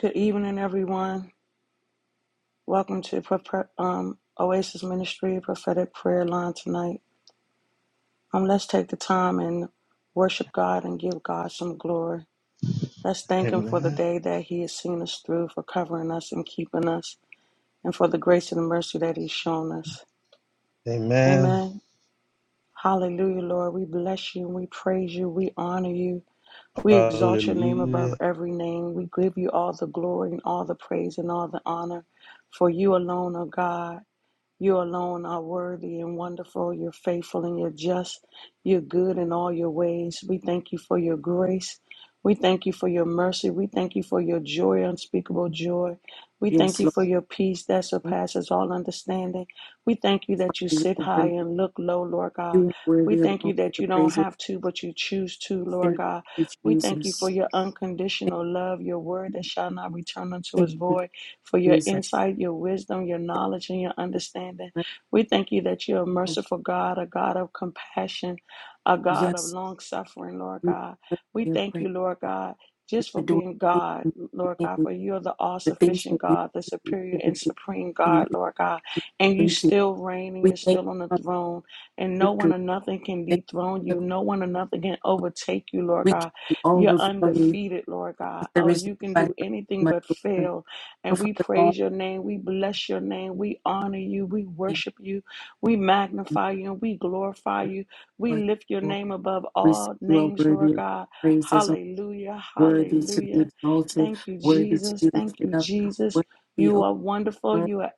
Good evening, everyone. Welcome to um, Oasis Ministry Prophetic Prayer Line tonight. Um, let's take the time and worship God and give God some glory. Let's thank Him for the Amen. day that He has seen us through, for covering us and keeping us, and for the grace and mercy that He's shown us. Amen. Amen. Hallelujah, Lord. We bless you and we praise you. We honor you. We exalt your name above Hallelujah. every name. We give you all the glory and all the praise and all the honor for you alone, O God. You alone are worthy and wonderful. You're faithful and you're just. You're good in all your ways. We thank you for your grace. We thank you for your mercy. We thank you for your joy, unspeakable joy. We thank Yes, you Lord. for your peace that we surpasses all understanding. We thank you thank that you You sit Lord, high worthy- and look low, Lord God. you are We worthy of thank you all that the you don't praises. have to, but you choose to, Lord Thank God. you, We thank you for Jesus. your unconditional love, your word that shall not return unto Thank us you, void for your Jesus. insight, your wisdom, your knowledge, and your understanding. We thank you that you're a merciful God, a God of compassion, a God of Yes, long suffering, Lord you God. are We worthy of thank praise. you, Lord God. You Just are for doing being great God, and Lord mighty God, things. for you're the all the things sufficient that you God, the do, superior you do, the and things supreme that you God, do. Lord God. And you Thank you. still reign and We you're thank still on you the for throne, and the no one victory. or nothing can Thank dethrone you. you. No one or nothing can overtake you, Lord We give God. you all You're the glory undefeated, Lord God. because there Oh, is you can nobody do like you, anything my but Lord. fail. But And we Father God, praise your name. We bless your name. We honor you. We thank worship you. We you, magnify you and we glorify you. We my lift your Lord. name above We say all you are names, worthy Lord of God. praises, Hallelujah. worthy to be Hallelujah. exalted, Thank you, worthy to Jesus. be Thank lifted you, up, Jesus. worthy, You O are wonderful. God, You are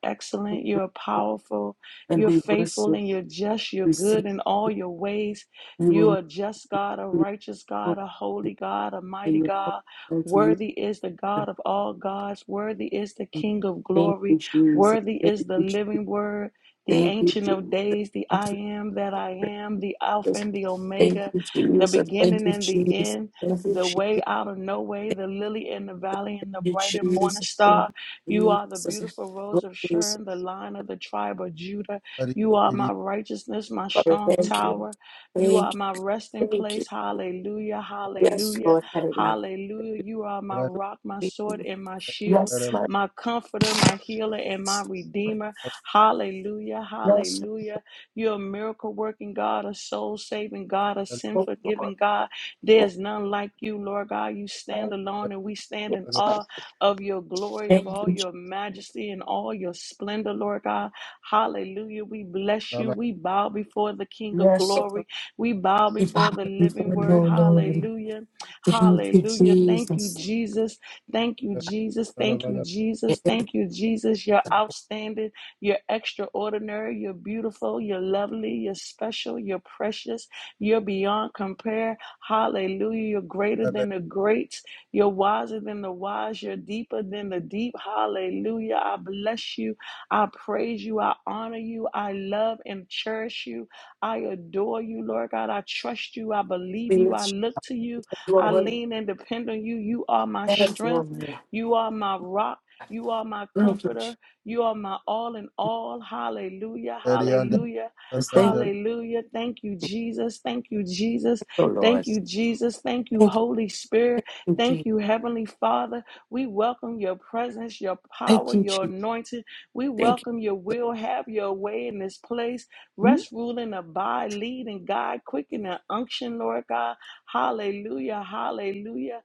O excellent. You God, are powerful. and You're we faithful worship, and you're just. You're we say, good in all your ways. you You are just God, a are mighty, righteous you are God, a glorious, holy God, a mighty you God. are exalted, you Worthy is the are God of all gods. Worthy is the divine. King of Thank you, glory. Jesus. Worthy Thank is the you, Jesus. living word, the Thank you, ancient of Jesus. days, the Thank I am that I you, am, the Alpha Jesus. and the Thank Omega, you, the Jesus. Thank beginning you, and the Jesus. end. Thank you, The way Jesus. out of no way, Thank the lily in the valley, and the you, bright and morning Jesus. Thank star. You you, are the Jesus. beautiful rose of Glory to Sharon, the Lion of the tribe of Judah. Hari You you, are my Hari righteousness, my Father. strong Thank you. tower. You Thank are you. my resting Thank you. place. Hallelujah, Yes, hallelujah. Lord, had it not Hallelujah. You are my Pura rock, my been for sword, you. and my shield, Yes, Tara Tara my my comforter, my healer, and my Lord. redeemer. Hallelujah. Yes, Hallelujah. You're a miracle working God, a soul saving God, a Tara sin my Lord. forgiving God. Lord. There's none like you, Lord God. You say, stand alone, and we stand in Yes, Tara my awe of your glory, of thank you. all Jesus. your majesty, and all your splendor, Lord God. Hallelujah. We bless you. Tara We bow before the King of Yes, oh Lord. glory. We bow We bow before the living before you, oh, word. Lord. Hallelujah. Thank you, Hallelujah. Thank you, Jesus. Jesus. Thank you, Jesus. Thank you, Tara Jesus. And Thank you, Jesus. You're outstanding. You're extraordinary. You're beautiful. You're lovely. You're special. You're precious. You're beyond compare. Hallelujah. You're greater Tara than the greats. You're wiser than the wise. You're deeper than the deep. Hallelujah. I bless you. I praise you. I honor you. I love and cherish you. I adore you, Lord God. I trust you. I believe we you. I lift you look to you. up. You are I worthy. lean and depend on you. You are my Yes, strength. Lord. You are my rock. You are my Thank you, Jesus. comforter. You are my all in all. Hallelujah. Tarianda Hallelujah. Thank Tarianda you, Hallelujah. Thank you, Jesus, Jesus. Thank you, Jesus. oh Lord. Thank you, Jesus. Thank you, Thank you, Holy Spirit. thank you, Jesus. Thank you, Heavenly Father. We welcome your presence, your Thank power, you, your Jesus. anointing. We Thank you. welcome your will. Have your way in this place. Hmm? Rest, rule, and abide. Lead and guide. Quicken and unction, Lord God. Hallelujah, hallelujah,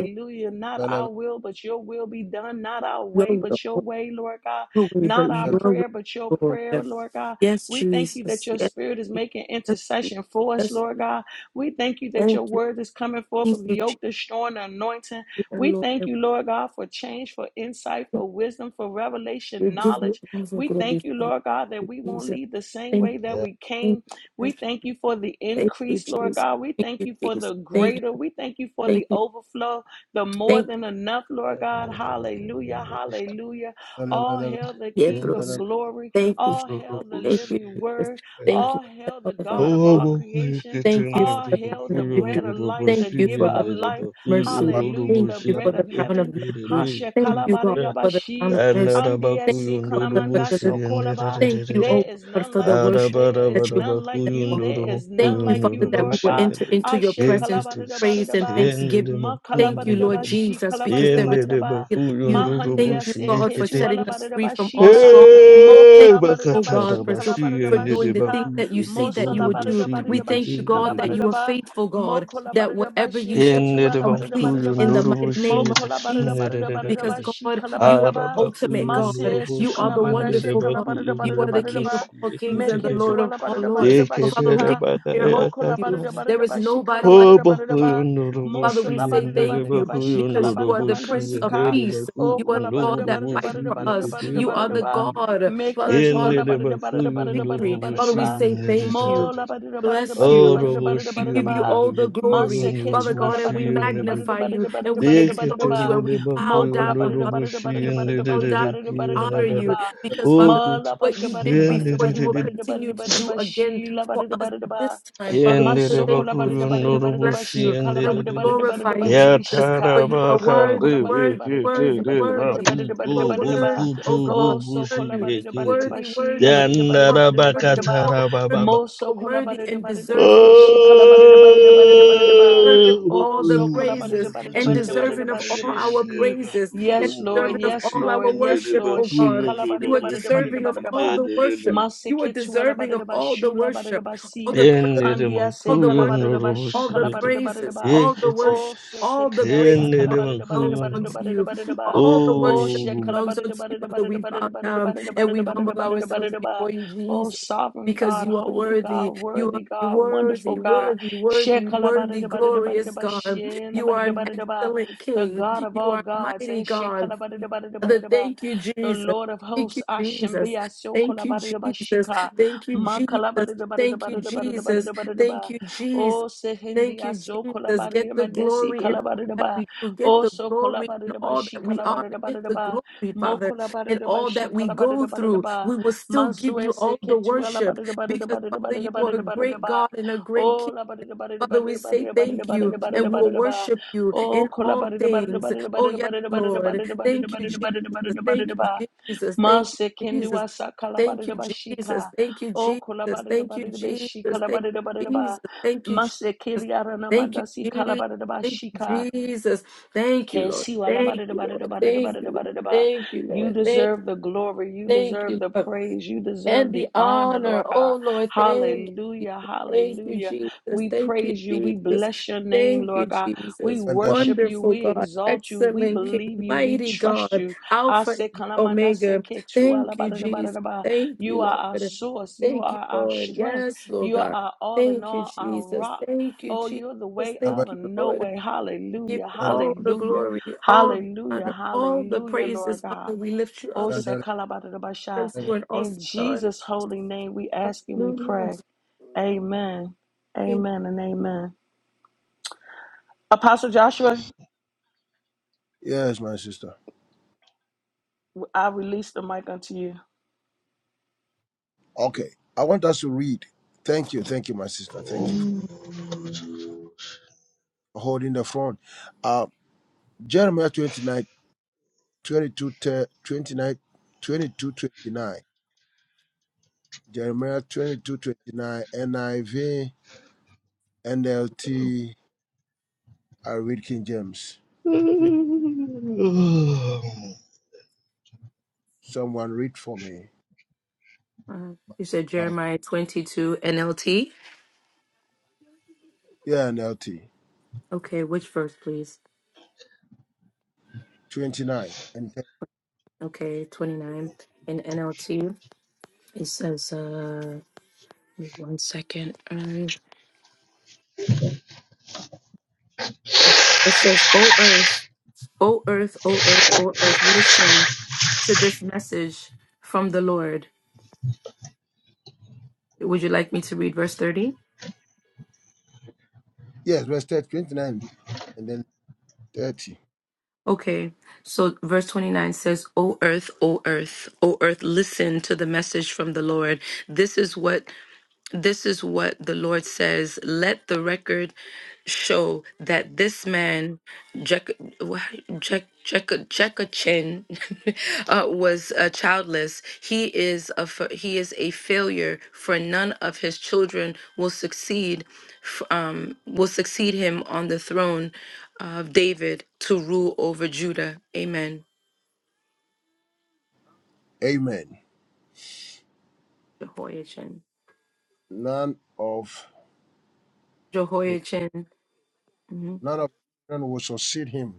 Yo, Not our will, but your will be done. Not our way, yo, but yo. your way, Lord God. your way, but Not our Tara your way, prayer, but your Lord. prayer, Lord God. Yes, We thank you that Jesus. your Yes, spirit is making Jesus. intercession for yes, Jesus. us, yes. Jesus. Lord God. We thank you that Thank your you. word is coming forth Thank with you, yoke Jesus, destroying anointing. oh We thank Lord. you, Lord God, for change, for insight, for wisdom, for We revelation, give you knowledge. all the We glory, thank you, Father. Thank Lord God, that you, we won't Jesus. leave the same Thank way you, that Yeah. we came, thank you, we thank you, thank you for the thank you, increase, Lord Jesus. God. We Thank thank you, you for Jesus. the Thank you, greater. We thank you for thank the you, overflow, the more thank you, than enough, Lord Yeah. God. Hallelujah. Hallelujah. Tara All hail the yeah, King of bros. Tara Tara glory. Thank you, All Ndio hail the thank you, living Jesus. word. Thank you, All hail Father. the of God of our all creation. Thank you for All the hail crown of the victory. bread of life, Thank the you giver for the of crown life. of mercy. Tara Hallelujah. Thank The you Tara Tara for bread the of crown of heaven. mercy. Hasha Thank you, God, bakugundua. for the crown of kalabaridabashi. mercy. Andia Thank si you, Father, for kalamanda deliverance. so Thank you, oh there is God, none for the like you. worship There that is you've none placed like in Arabakuyo you. our There mouth. is Thank none you, like you, Father, that we Lord will ndurubushi God. enter endere into your Ashe presence with praise and kalabadadabadadaba. thanksgiving. Ma Thank you, Lord kalabadadaba. She Jesus, because there is kalabadadabadadaba. nobody like you. Thank Mahandia you, se God, for ketu setting us free alabadadaba from all shika. strongholds. Mo Thank you, oh kolabadadaba. God, She for so for kalabadadaba doing the things shika. that you Mo say that you would do. We salabadadabadadaba. thank you, She God, that you bakuyo are kalabadadaba. faithful, Mo God, that kolabadadaba. whatever She you start, ketu you complete in alabadadabadadaba. the mighty Mo name of Jesus. kolabadadabadadabadadaba. Because She God, you are kalabadadaba. the ultimate God. Mase You are the sukalamanda wonderful shekala God. barada You barada are the barada King of ba. ndurubushi all kings ekete and Make the it de Lord to of ala all barada lords. barada ba But Father, who can shika. compare unto Moko la Yeketerebakayakata. you? barada There barada is ba shika la nobody like barada barada ba. Father, Mosa Hobokuyundorobushi, we la say barada thank barada you ba shika la because you are barada the yenerebakuyundorobushi, manda Prince of sika. Peace. You Oko are la the God barada that barada fights yenerebakuyundorobushi, barada for barada us. barada You are barada the ba. yeketerebakuyundo- God, Make it Father God, to ala barada barada barada barada victory. Father, barada yenerebakuyundorobushi, we ba. say thank Mo you. la yenereterere. barada barada Bless barada you. barada barada Orobushi, We barada give you ba. all the glory, Mase Father ketu God, ala and yenerebakuyundorobushi, we barada barada yenerere. barada magnify you barada and barada we barada barada exalt you ba. and we bow down, Mokola barida Father. barida Yeketerebakuyundorobushi, barida We barida bow barida down, barida yenererereki, we barida honor barida yenerere. you ba. because, Father, Mala Okutu- what barida you barida did barida before, you barida will yenererere. barida continue barida to barida do ba. again Sheila for barida us barida ba. this time. Father, we Yendere say thank Masokola you barida and we barida bakuyondoro barida ba. bless bushi you Shekala and yendere we barida dede. barida glorify barida you, barida ba. Jesus, Yatara Shika. for you are Oh, worthy, bakare kola barida worthy, barida bekete barida worthy, de barida worthy. barida You barida bakudo barida are barida ba. worthy, oh bokutoro God, Oh, so bushi kola worthy, barida barida yekete. ba. worthy, Sheila worthy barida barida Yandara barida worthy, barida you ba. bakatara are worthy, bababa. Mo you are so kola worthy barida and barida deserving, barida. Shikala barida barida barida barida ba. deserving of Oh, all the so praises Bakuyondoro and tundere deserving of all bushi our yendere she. praises and Yes, bakuyondoro Lord. deserving of Yes, bushi all our Lord. yendere Yes, worship, Lord. oh God. bakuyondoro You are bushi deserving of yekete all Shekalabadidabadidabadidabadidaba. the dede. worship. You are deserving of Maseketuelabadidaba, all the worship, all shulabadidabasi. the praise, Yendere Andia all the worship. makuyondoro sekalabadidaba, all bushi the praises, shikalabadidabadidaba. all the yekete. Oh, worship, all the sekendia praise Father, 그네들만 belongs unto 그건 you. sakalabadidabadidabadidabadidabadidabadidaba. All the Oh, worship 오 belongs unto you, Father. We bow down and we humble ourselves shekalabadidabadidabadidabadidabadidabadidabadidabadidabadidaba. before you, Oh, Jesus. sovereign Because God, you are holy God, worthy, you are worthy God, wonderful worthy, God. worthy, worthy, worthy, glorious Shekalabadidabadidabadidaba, God. You are an shelabadidabadidaba, excellent The King. God of You all are a gods, mighty eh, God. Father, shekalabadidabadidabadidaba, thank you, the Jesus. Lord of Thank hosts, you, Jesus. Ashambia Thank you, Jesus. Sokolabadidabashika, Thank you, Jesus. Thank you, Jesus. Thank Makalabadidabadidabadidabadidabadidabadidaba, you, Jesus. O Thank Sehindia you, Jesus. Get the Sokolabadidamadesi glory in all that Kalabadidaba, we do. Get O the glory in all that we are. Get the Sokolabadidabashikalabadidabadidaba, glory, Father, in all that we go through. Mokolabadidabashikalabadidabadidaba, We will still give you Mansuese all the worship because, Father, you are a great Ketualabadidabadidabadidabadidabadidaba, God and a great King. Oh, la ba da da ba da da Father, ba da we say da ba da da thank ba da you da ba da da and we ba da da ba will da da ba. worship you in Oh, kola all ba da da ba da da ba things. da da ba Oh, yes, da da ba da da ba da Lord. da ba Thank you, da da Jesus. ba da da ba da da ba da da ba da da ba da da Thank you, ba. Jesus. Thank Mase you, kendu Jesus. asa kala ba Thank da you, da ba Jesus. shika. Thank you, Oh, kola Jesus. ba da da Thank ba you, da da ba shika Jesus. la ba da Thank da you, ba da da Jesus. ba. Thank you, Mase Jesus. keli arana Thank you, manda si kala Jesus. ba da da ba Thank you, shika. Jesus. Thank you, Lord. Thank you, Lord. Thank you. Lord. Kesiwalabadidabadidabadidabadidabadidaba. Thank you, You Lord. thank. you, deserve the glory. You Thank deserve you, the Lord. praise. You deserve And the the honor, honor, Lord oh God. Lord, thank you. Hallelujah. Jesus. Thank you, Hallelujah. Jesus. We Thank you, praise you. We Jesus. bless your name, Thank you, Lord God. We Jesus. worship you. Wonderful We God, exalt you. We excellent King, believe you. We mighty trust God, you. I Alpha say, and Kalamanda say, Omega. da da Thank ba. you, da Jesus. da ba. Thank you, You are our Lord. source. You Thank you, are our Lord. strength. Yes, Lord You are God. our all in Thank you, all, our Jesus. rock. Thank you, Oh, you're the Jesus. way Thank out of you, no Lord. way. Give Hallelujah. you all the Hallelujah. glory, all the Hallelujah. honor, all the Hallelujah, Lord praises, God. Father. We lift you Oh, up Sekalabadadabasha. because you would in also God. Jesus' holy name, we ask and we Hallelujah. pray. Hallelujah. Amen. Thank- you. Amen and amen. Apostle Joshua, Yes, my sister. I release the mic unto you. Okay, I want us to read. Thank you, thank you, my sister. Thank you for Mm, holding the front. Uh, Jeremiah 29, 22, 29, 22, twenty nine. Jeremiah 22 29 N I V N L T I read King James. Please, someone read for me. uh, you said Wow. Jeremiah 22 NLT. Yeah, NLT Okay, which verse, please? 29 and 30. Okay, 29 in NLT. It says, uh, wait one second. Uh, okay. It says, O earth, O earth, O earth, O earth, listen to this message from the Lord. Would you like me to read verse 30? Yes, verse 30, twenty-nine and then 30. Okay, so verse 29 says, O earth, O earth, O earth, listen to the message from the Lord. This is what this is what the Lord says. Let the record show that this man, Jek, wha- Jek, Jek, Jekachin, uh, was uh, childless. He is a fa- he is a failure, for none of his children will succeed. f- Um, will succeed him on the throne of David to rule over Judah. Amen. Amen. Jehoiachin. None of his, Jehoiachin. none of his children will succeed him.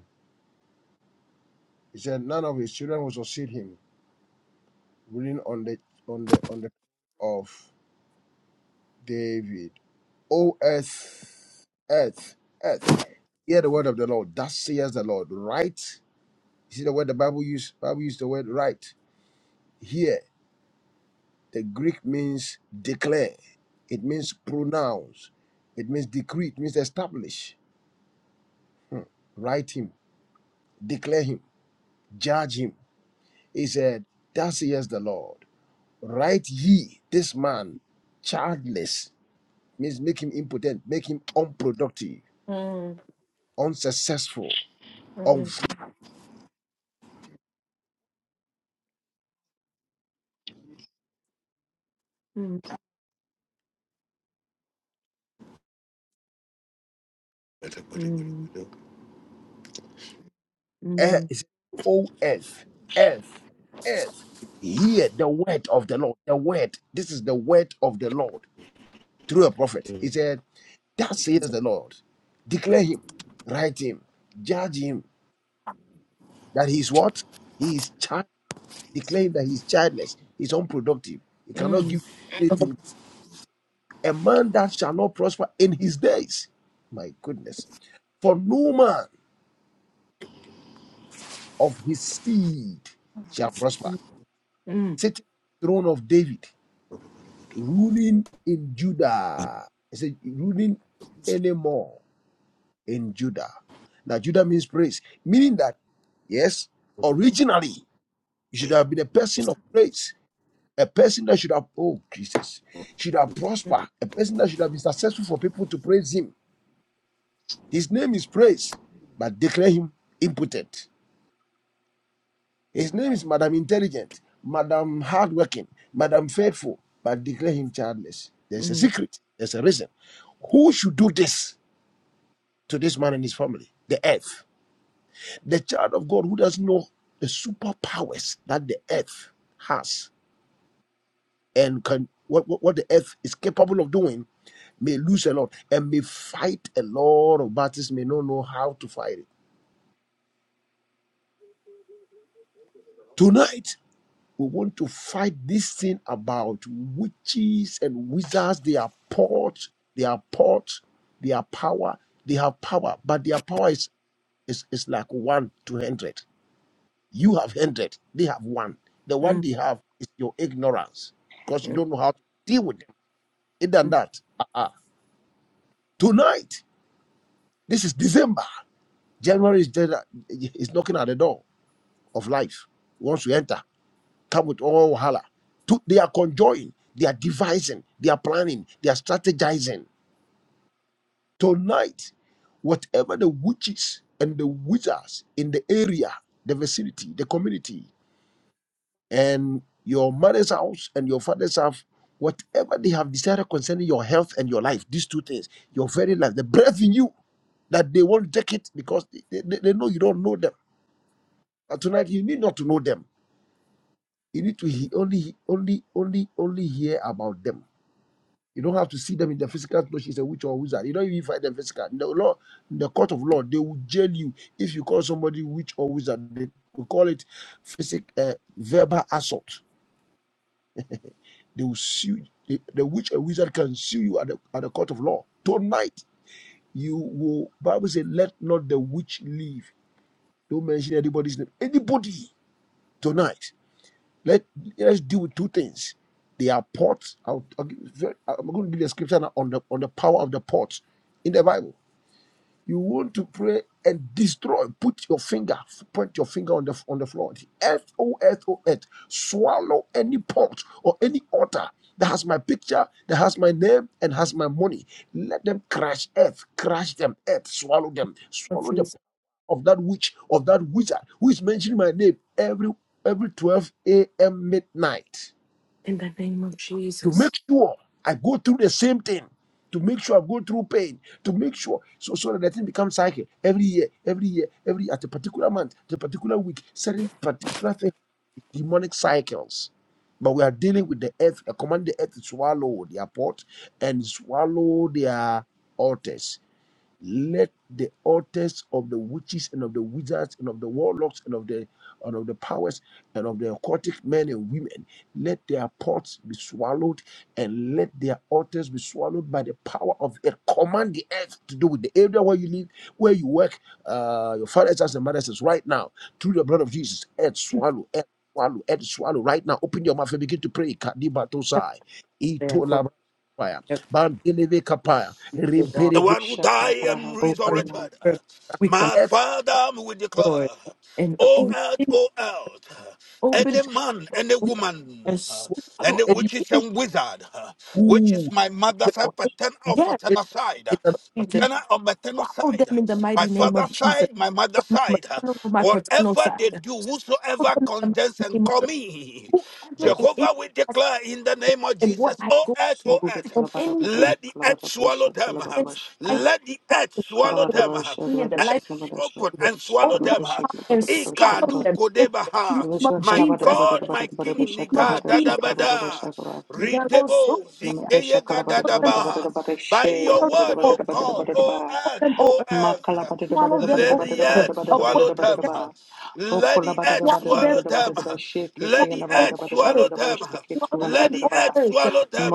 He said, None of his children will succeed him. Reading on the on the on the of David. O earth, earth, earth. Hear the word of the Lord. Thus says the Lord. Right You see the word the Bible use Bible use the word right. Here, the Greek means declare. It means pronounce. It means decree. It means establish. Hmm. Write him, declare him, judge him. He said, Thus says the Lord. Write ye this man childless. Means make him impotent, make him unproductive, Mm, unsuccessful, mm, mm, mm, Eh, mm, it's O F F F. Hear the word of the Lord. The word. This is the word of the Lord through a prophet. He said, That says the Lord. Declare him, write him, judge him. That he's what? He is child. Declaring that he's childless, he's unproductive. He mm. cannot give anything. A man that shall not prosper in his days. My goodness. For no man of his seed shall prosper. Sitting on the throne of David. ruling in The Judah. He said, ruling anymore in Judah. Now, Judah means praise, meaning that, yes, originally, you should have been a person of praise, a person that should have, oh, Jesus, should have prospered, a person that should have been successful for people to praise him. His name is praise, but declare him impotent. His name is Madam Intelligent, Madam Hardworking, Madam Faithful, but declare him childless. There's a Mm, secret, there's a reason. Who should do this to this man and his family? The earth. The child of God who doesn't know the superpowers that the earth has and can what, what, what the earth is capable of doing may lose a lot and may fight a lot of battles, may not know how to fight it. Tonight, We want to fight this thing about witches and wizards. They are port, they are port, they are power, they have power, but their power is, is, is like one to hundred. You have hundred, they have one. The mm. one they have is your ignorance because you don't know how to deal with them. Other than that, uh-uh. tonight, this is December. January is, dead, is knocking at the door of life. He wants to enter. Tabut or Wahala. To- They are conjoining, they are devising, they are planning, they are strategizing. Tonight, whatever the witches and the wizards in the area, the vicinity, the community, and your mother's house and your father's house, whatever they have decided concerning your health and your life, these two things, your very life, the breath in you, that they won't take it because they, they, they know you don't know them. But tonight, you need not to know them. You need to he- only, only, only, only hear about them You don't have to see them in the physical because she's a witch or a wizard. You don't even fight them physical. In the law, in the court of law, they will jail you if you call somebody witch or wizard. They will call it physic, uh, verbal assault. They will sue. The, the witch or wizard can sue you at the, at the court of law tonight. You will. Bible says, "Let not the witch live." Don't mention anybody's name. Anybody tonight. Let let's deal with two things. They are pots. I'll, I'll give, I'm going to give you a scripture now on the on the power of the pot in the Bible You want to pray and destroy. Put your finger, point your finger on the on the floor. Earth, oh earth, oh earth, swallow any pot or any altar that has my picture, that has my name, and has my money. Let them crash earth, crash them earth, swallow them, swallow the power of that witch, of that wizard who is mentioning my name every every 12 a.m. midnight to make sure I go through the same thing, to make sure I go through pain, to make sure so so that the thing becomes cycle every year, every year, every at a particular month, at a particular week, certain particular thing, demonic cycles. But we are dealing with the earth. I command the earth to swallow their pot and swallow their altars let the altars of the witches and of the wizards and of the warlocks and of the and of the powers and of the occultic men and women let their pots be swallowed and let their altars be swallowed by the power of it command the earth to do with the area where you live where you work uh your fathers house and mothers house right now through the blood of jesus earth swallow earth swallow earth swallow right now open your mouth and begin to pray Kadibatosai, There, according itolabaya, to bantelevekapaya, the law, rimpereketekapaya, one who died and Shakalabaraha O my earth, O life. resurrected. earth, we come My Every Father, we to declare, the Lord and which O earth, open, O earth, which open any is up man, any with that woman, and any swallow up any witches any and wizard, which is who my join mother's side, Lord. paternal or Yes, it paternal side, in the name of Jesus, Jesus. paternal or maternal swallow side, them in the my mighty name father's of Jesus. side, my From mother's my side, maternal or my paternal whatever side, they do, swallow whosoever them in the condemns mighty and name of call me, whoever Oh, it is Jehovah will that's declare in the active name of and what Jesus, I O go earth, O through earth. earth. and Shekitalabarabara yeah. anything Let the earth shakalabara swallow them. shakalabara against my life shaka. Let the and earth destiny, swallow for the them. Kalabarabara destiny and shakalabara the life, Earth shakalabara open yeah, and swallow open them. shakalabara up and shakalabara swallow shakalabara Ikadu them in the name kodebaha. Oh earth, of oh My Jesus. God, my the King, name of Niga Jesus. Dadabada. Readable. Mirabosomaya. Zikeyega Dadabaha. By your word, O God, O Swallow earth, them, O O earth. earth. Swallow them, O earth. Swallow them, Let O the earth. earth According swallow to them. James, Let the earth swallow them, swallow them. Let the swallow them, earth O earth. swallow them. Swallow Let them, the O earth earth. swallow them.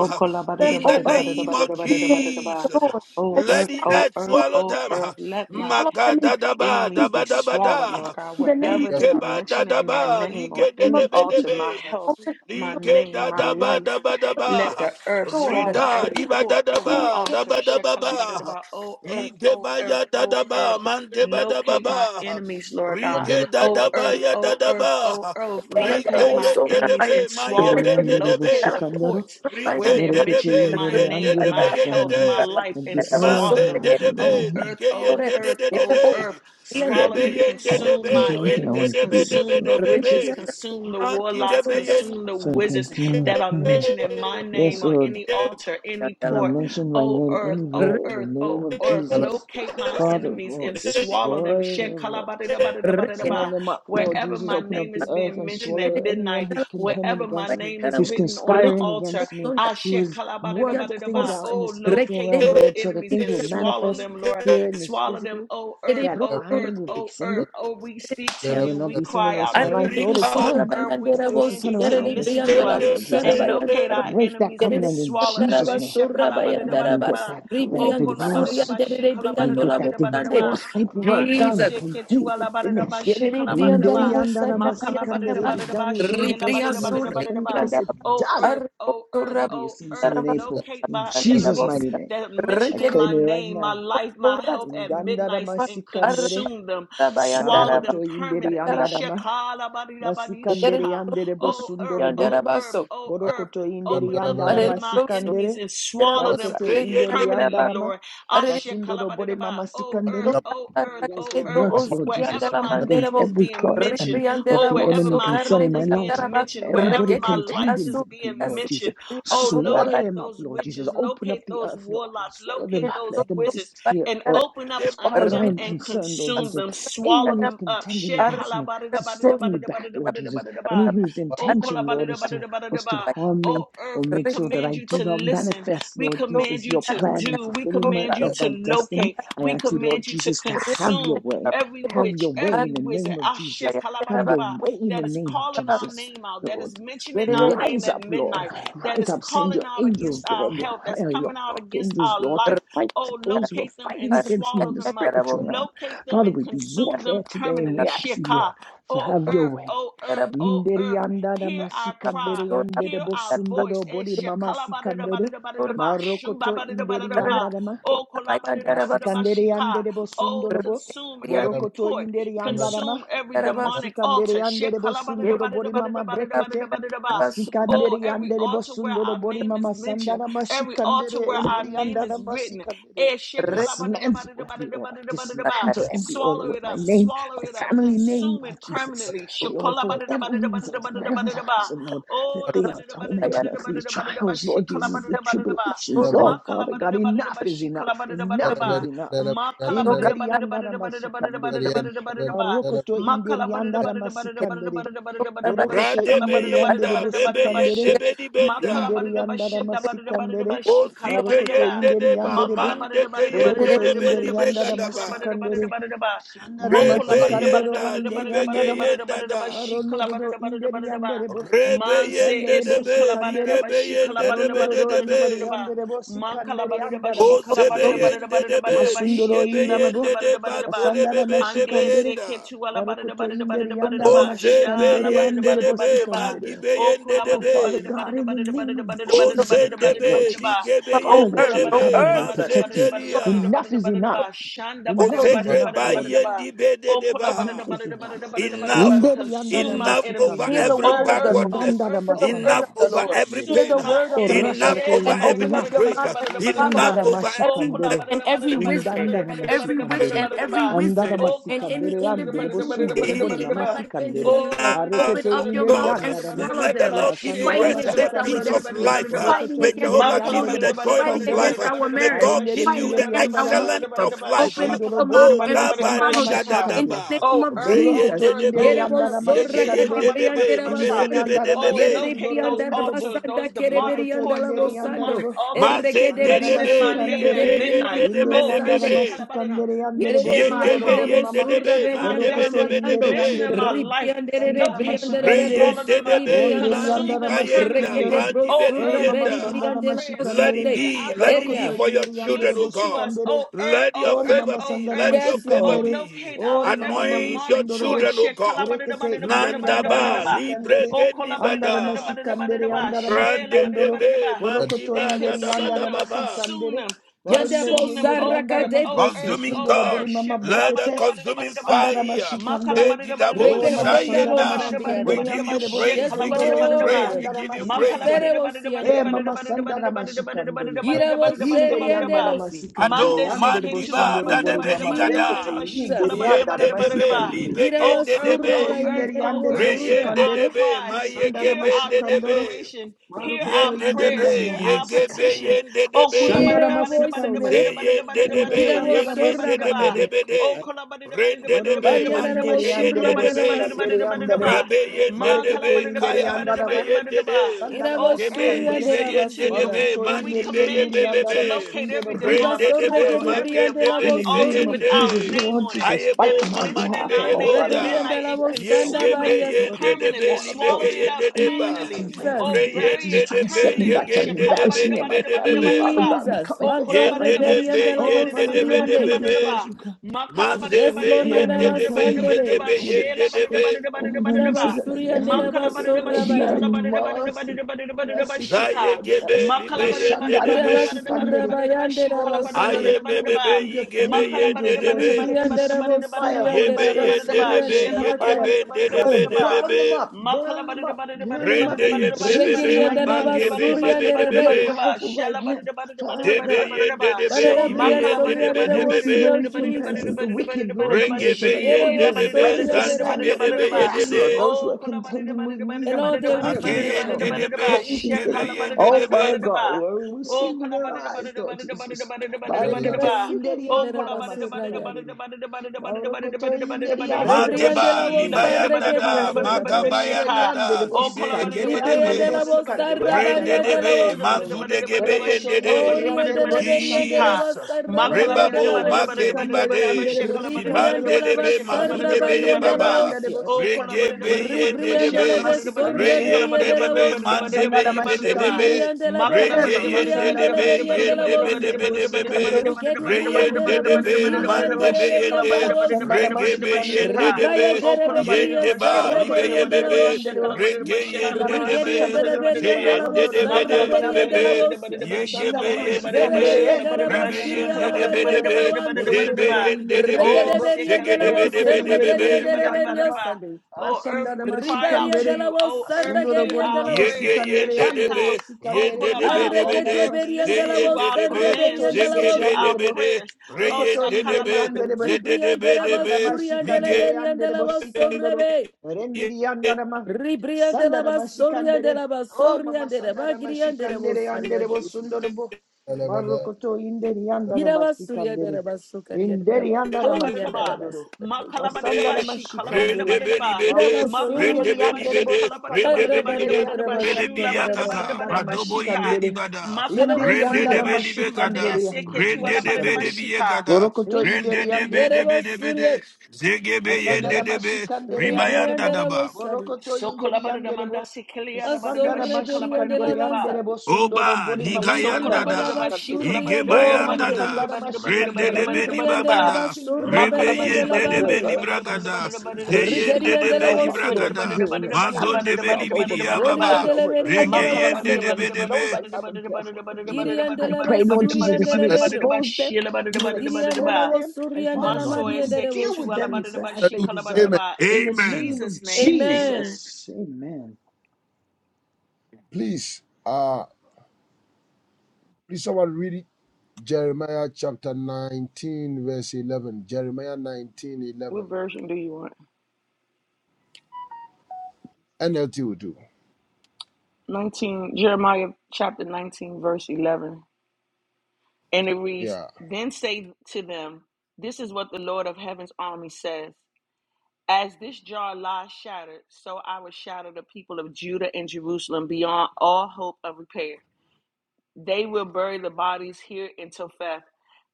Them, In the O earth. name of Hear the word of the Jesus, Lord. And let the swallow earth them, earth, O swallow earth. oh them. earth, let not swallow them in the, Magada daba enemies in daba be daba swallowed, da. Lord God, the name wherever Yes. yeah, they are Likeba mentioning my dadaba, name on of, name any of Jesus. altar, my ligedebedebe. health, Open my up name, my Ligedadaba life. daba Let daba. daba, the earth your yeah, yeah, swallow Rida every diba port, every dadaba, Lord. altar. daba daba ba. Shekalabadadaba. Oh earth, oh Igeba earth, ya oh earth. dadaba, mandeba Locate my dababa, enemies, Lord God. yeah, yeah, rige Oh dadaba earth, ya oh earth, dadaba, oh earth. Rekede rike Locate bro, my ye enemies and dedebe, ma ye Nere swallow be them. yandere dedebe, Locate the bosikandoro, ports where rike they're merekete mentioning dedebe, my yindere ye name, my dedebe ye health, my de. life, the and ma earth, swallow be them. Lord, that you want Oh dedebe, me- earth, rike ye oh earth, dedede oh dede, earth. Swallow rebe and ye Oh, I consume think the dedebe, my only re thing I enemies, wanted to dedebe do this debe consume year. the debe witches, be, consume the ma ki warlocks, debe ye consume the So I wizards consume. that are mentioned in my Yes, name on Lord. any altar, any port. Mention my O name earth, anywhere O in earth, the name O of debe earth, yeah, yeah, yeah, Jesus. locate my Father, enemies and Lord, swallow them. destroy their ye works. Swallow Shekalabadidabadidabadidaba. them up, Lord Wherever Jesus. my Open up name the is earth being and mentioned at swallow anyone midnight, who's contending wherever my against me, name is who's written on the conspiring altar, against me, I who has worked things shekalabadidabadidaba. out in the Oh, spiritual locate realm, those Lord, so that enemies things and will swallow manifest them, Lord. here in this Swallow them, physical, O rekede earth, that bro, O I earth, will be O yeah, earth. single. Oh, we speak to I rekede will you. not We be single the cry rest out of my yeah, to you. life, Arribi Lord. It's Riba O sopra time earth, we for bandera things to command vos, turn you to erede around. It's listen de briando to la time, de us vos, Lord be Jesus. and de locate sarabayandara, our Break that enemies and erede covenant in swallow briandara them. Jesus' Eh, vos, name. Let sarabayandara him get vos, shekalabadidabadidaba. that, O that ribriandi, divorce. kolabadidaba, suriande, erede Let him get vos, that ande. shikalabadidabadidabadidaba. divorce paperwork Manda done, Jesus, complete, and seketualabadidaba, finished. erede briando la Minderi shikalabadidaba. vos, andara sarabayandara masikandere vos, Be done Makalabadidabadidaba, within the first ribria two months in shelabadidabadidabadidaba. suriandara 2026. vos, O Done. earth, arribo O earth, I'll be a O citizen earth, surabayandara in vos, April. locate In my sarabayandara Jesus' enemies vos, mighty name. that I mentioning rekede my claim it right name, my now. vos, life, my health surajandara In at dandara midnight vos, and masikandere, arriba consume them, swallow sarabayandara vos, them marokoto inderi permanently. sarabayandara vos, andarama, erede masikandere Shekalabadidabadishika. vos, andere Oh earth, bosundorobo. oh suriandara vos. earth, oh earth, Borokoto inderi open up under Arere andarama my bro so enemies sikandere. and swallow Areribroso, them Marekete be con- yen Yerabos, inderi de permanently, Areraba, andarama. Lord. Arerebro, Basundoro bore Ashekalabadidaba. mama Oh earth, sikandere. oh Come earth, against oh their Aracatebro, earth, works, Lord Ozurian de Jesus. wherever We la my come against name Manderabo, is every being plot and mentioned, Ribrian de of oh la the wherever enemy Bosso, my health concerning my is Carrebrian de life. la being Bat, mentioned, wherever Everybody my Requete, life contending is Asu, with me, being Lord mentioned. Jesus. Casetri, Oh, Andurra, Swallow Bato, locate them up, those Lord Jesus. witches, Open up locate the those earth, Lord, and warlocks, swallow them locate up. Let those them wizards, disappear, and Batara, Lord. open up de. As far under as I them am Ripasu, and concerned, Lord consume Jesus, them, swallow anyone Batara, who's them up. contending against Share against me, to set me Arrebrabosso, back, Lord Jesus. Any halabadidabadidabadidabadidabadidabadidaba. whose Oh, intention, Lord, is to Arrebrabosso, is to kolabadidabadidabadidaba. harm me oh, earth, or we make sure Requete, that command I you do to not listen. manifest, We Lord So command Jesus, you your I to did plan and not do. We go to fulfillment command you of to my destiny. locate. I We ask you, Lord command you to Jesus, to have the your consume way. every Have witch, your way every in the wizard. name of Ashe Jesus. Have your kalabadidaba, way in the That is name of calling our Jesus, name out, that is Lord. mentioning our Yere name Rise up, at Lord. midnight that Rise is up. Send calling your out against angels, our Lord, your, health, that's uh, your coming out against archangels, our Lord, to life. fight Oh, those who are locate them and fighting against me swallow in the them up. spiritual realm. Locate them Father, and we do consume them warfare today and we permanently. ask you, Shekah. Lord, to Oh, have your earth, way. oh, earth, oh, earth, Inderianda da hear our masikandere cry. yande de Hear our bosundo voice. do Eh, body mama sikandere. shekalabadidabadidabadidaba, Marokoto shumbabadidabadidaba, inderianda Oh, kolabadidabadidaba, Masikandere shekah. yandere bo Oh, sundorobo. consume every Borokoto port, yindere yandarama. consume every demonic Masikandere altar. yandere bo sundoro bori mama brekete. Shekalabadadabadadabadadabadadabadadabadadaba. Masikandere Oh, every yandere bo altar where sundoro our bori name is mama mentioned, sandarama every shikandere altar where our endere name is yandarama written. sikandere. Eh, And dismantle every order. shekalabadadabadadabadadabadadabadadaba. Dismantle every order Swallow with it my up, name, swallow my it up, family name, consume Lord it permanently Jesus. abundantly. Lord, Shikola for ba da da ba whatever da da ba da reason, da for ba da da ba da whatever da ba. reason, Lord that Oh, la they ba are da da ba da da ba tormenting da da us, ba da these da ba da da ba. trials, Lord Shikola ba Jesus, da the da ba da da ba. tribulations. Oh, Makala Father ba da God, da ba da da enough ba. is Shikola enough. ba da da ba da da Enough ba. is enough. Makala ba da da ba Inderi da da andara ba da da ba da da ba da da ba da masikandere. da ba da da ba da da ba. Barokoto Makala inderi ba da da ba andara da da ba da da ba da da ba masikandere. da da ba da da ba da da ba. Ra Borokoto de Shikola be ba da inderi da ba da yen da andere ba da, da da be ba da be da ba. yen de bosikandere. Shi. be di ben da. Makala ba Inderi da da ba yandara shinda ba da da ba da da masikandere. ba. O si Shikola ba ke da da Marokoto yen ba. de inderi de ba, yandere bo. Makala man bada de da ke bada da yen bada da de Borokoto de bada da be bada inderi di da ba be ga yandara she da kala ba. bada da bada masikandere. da bada da ba Shandara Re mokola be bada da yen bada masikandoro da da, bada da di inderi bada da be bada ge yandara ma. yen da bada da da bada da da. ba she kala bada Maronoro da bada da inderi bada da ba yandere bo. Re be manse yen de Sandere de bo esu be, kala ni bada sikandere. da ge ba be she yen kala de de bada da be bada de da Maronoro de bada da be. bada inderi da ba yandere bo makala sikandere bada da ba yandara she O se kala bada be da masikandere. bada da yen de bada da de be, bada da ba li Masundoro ge she be la inderi yen bada bo. da de bada de da ba, bada da ba to de be Asandara be de be ande yen masikandere. se da. ketu ala bada da Marokoto bada da bada inderi da bada da yandara ba masikandere sha yandere Oh, bo Ozebeyendedebe, sikandere. O consume Oh, magibeyendedebe, Father God, in the name of Jesus, I pray, Lord ozendebe, Jesus, Oh Father, that earth, you will oh cover ligebeyendedebe, me earth, and protect me. mazendelia, Enough is enough. swallow Enough them, is enough, Lord. ozegrebayendibededeba. Enough is enough. Enough, Inderi yandada my enough enemies. over Hear the masikandoro. every word Oh, of the Lord. earth, oh, backwardness, Indandada earth, Hear the oh, word earth, enough of masandada the over Lord. every mashikandere. Hear the pain, consume my word of Oh, the enemies. enough Lord. rakate And over every inderi open up enough. your disgrace, mouth and follow enough Insandada them. over Every witch mashikandere. and every wizard, Indandada every witch mashikandoro. and every every Oh, Andada wizard, Oh, and kola ba da any masikandere da ba da da ba yandere da da individual ba da who da ba is da bosundoro da bore ba da seeking da mama my ba. life and sikandere. Oh, la now, downfall, ba da da ba da open da Marekete ba da up oh da your ba inderi da mouth da God, ba da and da yandada ba da ma. da ba swallow da let da the them. ba. Lord give you She Masandara la Fighting ba rest, da da ba the against da da our ba da peace da mashikandere. of ba da da destiny, ba da life. da ba. fighting Borokoto May against Ma inderi our Jehovah kola give ba you yandere children, da the da ba da joy da ba fighting of da da ba bosikandoro. da life. against da ba our da da May ba da da marriage, ba. God Marendere give She you fighting la the ba inderi da da against ba da our yandada da ba da da excellence ba da life. da of ba. life. She Open up Masundoro kola your ba da bori mouth da Oh, ba da and da mama ba da da Gaba ba da sandara follow she them. Niga ka. In mashikandere. the Dadaba, name Oh of earth, Boroko oh to Jesus, Reyende earth, inderi oh Debe, Yerabo earth, andara sorra Eshe kade Yegeyende masikandere. Debe, briandera kalabadadabadadabasha. Nibede Inderi Debe basande. andara Oh, Debe, Yerede locate masukundoro those briandara enderebo. altars, basanda those kere Boroko demonic to ports, briandala inderi those demonic bosando. andarebo. altars, Erreke de Mazende Sandara bria mentioning my Debe, name mashikandere. at Ligebe suriandere midnight. Yende briandala Debe Inderi Oh, andara Bishi masande. Debe, Kalabadana, masikandere anderebo Yerede mentioning my sundoro Yegebe health, briandere bori Yende mama. bosurra Debe, mentioning my Boroko Mandebe briandala to destiny, Debe inderi magando. Debe. mentioning anderebo. my life. Ribriandere de Sandara Locate them and briandere de mashikandere. swallow Reyende them up, brosuri debe, Onderi briandala ba- mandi consume andara them kayenda, Reke permanently. masikandere. de bandi Oh, Oh brosurra earth, mama beri hear belilienda. our sandara briandela prayers, Let mashikandere. it basande. hear be, our let it Baroko to be Area. for commands, your inderi andere children, O listen to God. us. bosikandere. Oh, earth, Let your oh, Ori earth, favor mama oh, be, sandana earth. let your Yes, favor Oh, Lord. masikandere. be. locate out Ori mama every Anoint your demonic mazusundorobo. port. children, O Shit, God. Berekete inderi andara Nandaba, libre masikandere. Oh, gendi Andara bada. masikandere andara Rande masikandoro. debe, mandi Borokoto and ba, da inderi da ba consume da andara them, ba ba. consume masikandere. them, Yanda Varunderi consume them, inderi oh bosarra andara earth, ma. kade oh brosi. earth, Consuming oh Masundoro bori earth. God, mama Shit, let the brekete. consuming kalabadadabadadabadadaba. Sandara fire, Ma they masikandere. be double Oh Reke kalabadadabadadabadadaba. mama She sandara shayenda. senda We masikandere give you andere praise, Yes, we bosukondoro give you inderi praise, Lord. we andara give you praise. masikandere. Riserevosi and Eh devo. mama sandara masikandere. yeah, yeah, yeah, yeah, Yiravoseri Inderi and andara elosi. masikandere Mande Ado andere seke In tu the ala mandiba bosundoro name badada bore of badada dadebeli mama badada badada ba da da ba da brekete da gada, ba she kala Jesus. inderi badada andara yende badada badada ba. da da ba da da debe ba. masikandere. O libegende de earth, Yiravasura Marokoto O be, earth, inderi O andere re earth, hear bayanderavosura. yende our de bosikandere be cries, ma sandara hear yegebe, debe our mayegebende masikandoro. debe, declaration, hear Marokoto our yende inderi prayers, debe hear andara our yegebe masikandere. petitions. yende O kula debe. Hear Shandara badada our badada voice, O badada masikandere badada Lord. badada badada Zeyendedebe, badada inderi badada andara badada Yiravosura badada masikandoro. yegendedebedebede, bayanderavosa. ba. da da ba da da ba da da ba da rendedebe, da ba da da ba da da ba. O kula badada badada badada badada badada ba da da ba Borokoto da da ba da da ba inderi she kala Varianaravosuria anderebo de badada la mandikeyendedebe, badada badada badada ba. basi. da sikandere da ba da da andarebo. ba. Ma Marekete rabeyendedebe, kalabada bada inderi da bada da kaya, bada da dibe andarama. bada da ba. dibeyendede, Sandarama Oh debe, earth, Yiravosuria we shikandere. de la speak to you basura. libeyendedebe, Marokoto and we inderi command enderi you to mandibeyebebebe, andarama locate sundoro every borimama demonic Ribasorre rendedebe, portal, sikandere. every geribrian de la makendebe, In demonic the altar name with of vosori. libeyende, our Jesus, name Lord on it Jesus, that fight ayebo, on is my mama mentioned in behalf, dibe our ye oh name at Father, Lord, Reberian boda de this midnight la and warfare vosanda yege consume be it overcome, varia yen Lord de sori. de Jesus, be permanently, all of libe ge swallow those who it are dibeyeboda, up trying yegebeyendedebe, to libegeyendedeba, permanently, derail or Jesus. me, Lord bury Jesus, it trying to reyendedebe, set me permanently. back, trying to yegendedebe, embarrass me and my family, libedebebe, Father Shakalabadadabadadabadadabadadaba. God, we Jesus. come against Manto Makala, Makala, that right badida Yende now. de badida reberian be, de la badida Oh, yende Father de God, be we de come vosuriande. be be. against those who I can't Maze Yes, find be, it, Lord, Lord. yende I've de badida be, gotten badida badida back yege ba. yarabasandere. be, over the Shela, yende de badida children, be. badida over badida my badida nieces ba. and my Rabasuriande nephew in Makala Cotton badida ba Wells shikala, marriage. Oh, rabasorabayande. Mercy, kolabadidabadidabadidabadidabadidabadidabadidaba. Makalabadidabadidabadidabadidabadidabadidaba. Shelabadidabadidabadidabadidabadidaba. Makalabadidaba, shikalabadidabadidabadidabadidabadidaba, merciful shika. Lord, Zayegebe mercy. Oh, libe makala, Makala, yende Shandara de be. Mashikandere. Kirabasurabayande Shikala, Oh, badida Sandara rabasuri. aye badida my be badida be, Lord, ba. be send your yige be fighting Makala yende badida angels, de Lord. be. badida Send your badida Ribriande badida consuming badida badida fire, ye badida Holy rabosuriande be Spirit. badida badida yende Send ba. your de be, rabasuriande Shela, consuming Makalabadidabadidabadidabadidabadidabadidaba, yege fire. shikalabadidabadidabadidabadidaba. be rabakariande yende de Father, be Makalabadidabadidabadidabadidabadidabadidabadidabadidaba. rabasuri. de be Shelabadidabadidabadidabadidaba. burn them be. Oh, up, burn them up, burn them yeah, Rende up in yebe be be, Jesus' be Rekiriande mighty name, mage Lord be de Jesus, be rabasuriande de with be your be. rabe. powerful right hand. Father de be God, yende de be, Banana Show ibe them, brian yende Lord. de soliande be I de want to be see be. the rabosio recompense of Jesus. the wicked, Lord Rege Jesus, be as I know Ele you yende de will be, raise the vosuriande zandi be standard. de be rabisio do yede Yes, Lord, de. Jesus. those who are contending with me And all have their done a wickedness, Ageyende very Lord. debe, crazy igebe thing. yende Oh, Father debe. God, we will see Oh, with our colabody the body eyes, the Lord body the body the Jesus. body the body the body the Hallelujah. Barekete bar. inderi Ribrasukaria Oh, de andara colabody the body the Rabasuraya. body the masikandere. body the body the body Baurokoto the body the inderi body the body the body the body the Rebrian de la Madeba, machine, the Vosa body the body libayanda the body Requeria the da, body the body the Sorabaya. magabayanda shaker. da, Oh, zibe colabody the yegede body the Ribrian body de the la body the body Vosa the body the Rabaria de body la the Rendedebe, body the body the Vosiria. body the body the body mazudegebe the shake, yendede. colabody the body Orian the de body la the Beria de la shika. Jesus. Vosa Makala Indere Rabaria body de the la Rebabo, yandara body the body the Vosio. body the masikandere body the makedibade. yandere shake, colabody the body Ribrian the bosikandoro. de body la the Ibandedebe, shake, Vosa colabody the Varindere mazudebe body the ye Rabaria body de the indere la bar. baba. yandere Vosia. Oh, bosikandere. colabody the Regebe body the body the Ribrian shake, de yendedebe. Indara la colabody the body the masikandere. shika, Besorreberia colabody the de la body Reyendedebe, the body the Vosia. mandebe body Masandara the body the bar. ibededebe. Mashikandere. Ribrian de la Makala Rege Emma Berresirian de Masandara la yendedebe, Berian de la Mashikandere under Vosia. the yendebedebedebe. Bosikandoro. Riquebrian de la Olokoto Reyendedebe, Induri Vosiria de Andero. la mandebe Berian yende. de la Ah, Vosia. Sandara Regebe Mashikandere under the yendedebe. Ribraya Bosikandere. derebekiria Yendeba, Morokoto sarreberia de la Induri libeyebebe. Andero. osia. Rege Sandara Rigeria yendedebe. de la Mashikandoro. beria de Zeyen de la de Arondoro be de Induri be sarreberia de be. la Anderebo. osia. Yege be Asandara de de. Mashikandere Zereberia Enderi Rebe Andara carabasiria de la de be varia de Masikandere. de la be. wande. Zebe Borondoro de Induri de be. Oh, Andarebo. sick, Regereberia Zege de la de be de osia, Borekete be de be Induri regeria be. de Enderi reberia Andarama. sande. Oh, earth, Asandara we cry out Ribaria to de Mashikandere. la you. Oh, osia, earth, Asundoro hear regeria bori de our la mama Yege osia. prayers. yen sikandere de de andere Eshekah. bo be. Oh, Yen sikandere de de be Kolaba, inderi de be oh, andere de. ma earth, Arregedeberia de listen la sikandoro. Zeyen to de our de osia, be. Arokoto commands, reberia de la listen Zege inderi to be de osia. andere our be bo. de. prayers. Re Oh, Orokoto de de inderi be. Sakalabadidaba, andere bo. Zede de Ribrian de be la de be. Sandara ma basuria de la Mige sikandere beria de andere la bo sikandoro. osia, Rendiri andere ma. Ribria de la Sandara ma Basoria sikandere. de la Oh Basoria mama de la sandara ma Bagria de la sikandere Bosaria andere bo Jesus. sundoro bo. Marokoto inderi andere ma Yirabasuria de sikandere. la Basucaria de la Inderi andere ma Basoria de la Kalabadidaba, sikandoro. Basucaria. Makalabadidaba, Masandara be, ma she rende sikandere. be di Kalabadidabadidaba, be de, Marokoto rende inderi be Makalabadidaba, Yirabasuria di andere de she bo de, rende sikandoro la be di be inderi Basucaria de. de la Kalabadidabadidabadidabadidaba, andere bo Bele Bacaria de la Ba- kaka, sandara Shulabadidabadidabadidaba, madobo Shika, ibe di masikandere bada, inderi rende de andara Yerabosuria. Makalabadidabadidaba, be di be Shumbadea, kada, masikandere Seke, andara rende de be Tualabadidaba, masikandere de biye Shika. kada, Borokoto Ri- rende inderi de andere be bo de be de be de, Yerabasuria. zege be yende Asandara de be, mashikandere Ribria ribayanda yanderebo. de la daba. Bosari. Borokoto So inderi Kolabadidamanda, yanderebo. Sekelianabadidaba, Sandara she Asorreberia de la mashikandere Kalabadidabadidaba. Banza. yanderebo sundoro Oba bori mama Ribria sandara de la nigayandada, So mashikandere. Basuria de la Oh, mama Bande. igebayandada, sandara rende de mashikandara. Father, beni Ribria de every la Sokolabadidaba, shikolabadidabadidabadidabadidabadidabadidabadidabadidabadidabadidaba. bagada, witch in the Basura rebe Lord Beria de Jesus la that yende has, de beni Bande. uh, has, bragada, has, has erected Rigeri zeyende and de itself beni up, Delawose, Lord bragada, Jesus, and mazon established de beni itself over bidiya my life and Makalabadidabadidabadidabadidabadidabadidabadidabadidaba, baba, Woriandele over the shikolabadidabadidabadidabadidabadidabadidabadidabadidabadidabadidabadidaba. life of rege beriandele my yende family de wose. be members de and those be. I love and care for, Lord Jesus. I Iriandele pray, Lord Jesus, that you basuriandele beru. Makalabadidabadidabadidabadidabadidabadidabadidabadidabadidabadidabadidabadidabadidaba, expose them you will Siriandele expose shilabadidabadidabadidaba. them. And Father wosuriandele God, Manso you will mariandele deal eseketu with wosi, them alabadidaba, Jesus. as they deserve. Amen. shikolabadidaba. In In the Amen. name of Jesus' name, amen. Amen. Jesus. Amen. Please, uh, please someone read it. Jeremiah chapter 19, verse 11. Jeremiah 19:11. What version do you want? NLT will do. 19, Jeremiah chapter 19, verse 11. And it reads, Yeah. Then say to them, This is what the Lord of heaven's army says. As this jar lies shattered, so I will shatter the people of Judah and Jerusalem beyond all hope of repair. They will bury the bodies here in Topheth,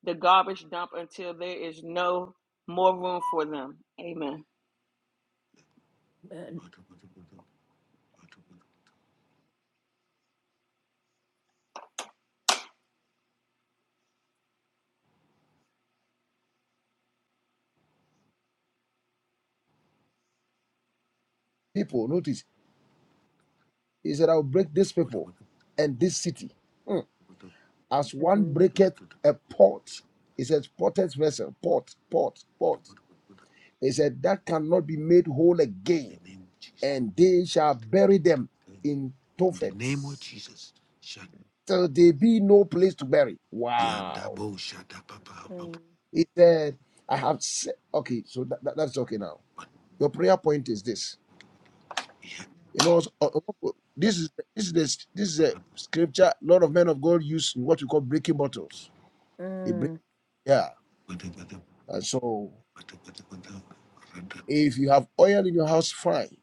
the garbage dump, until there is no more room for them. Amen. People, notice, he said, I'll break this people and this city as one Amen. breaketh a pot. He says, potter's vessel, pot, pot, pot. He said, that cannot be made whole again, and they shall bury them in In The name of Jesus. In the Tophet. name of Jesus. Shad- till there be no place to bury. Wow. Yadabo Mm, Shadababa. He said, I have said, okay, so that, that- that's okay now. Your prayer point is this. You know, so- uh, uh, uh, this is this is this, this is a scripture a lot of men of God use in what we call breaking bottles. They break, mm, yeah. And so if you have oil in your house, fine.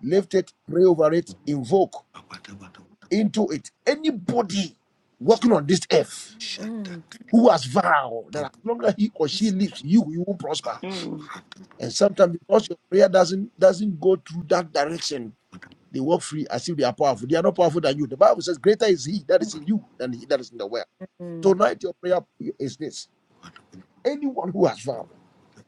Lift it, pray over it, invoke into it. Anybody walking on this earth mm, who has vowed that as long as he or she lives, you you will prosper Mm. And sometimes because your prayer doesn't doesn't go through that direction, they walk free as if they are powerful. They are not powerful than you. The Bible says, Greater is he that is in you than he that is in the world. mm, Tonight your prayer is this. Anyone who has vowed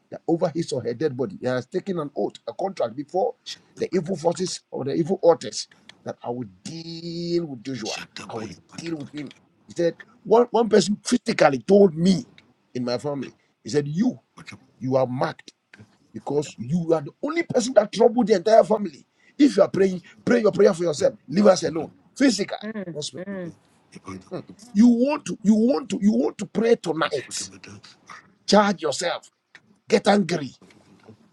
that over his or her dead body he has taken an oath, a contract before the evil forces or the evil authors that I will deal with Joshua. I will deal with him. He said, one, one person physically told me in my family, he said, You, you are marked because you are the only person that troubled the entire family. If you are praying, pray your prayer for yourself. Leave us alone. Physical, mm, not spirit. mm, Hmm. You want to, you want to, you want to pray tonight. Charge yourself. Get angry.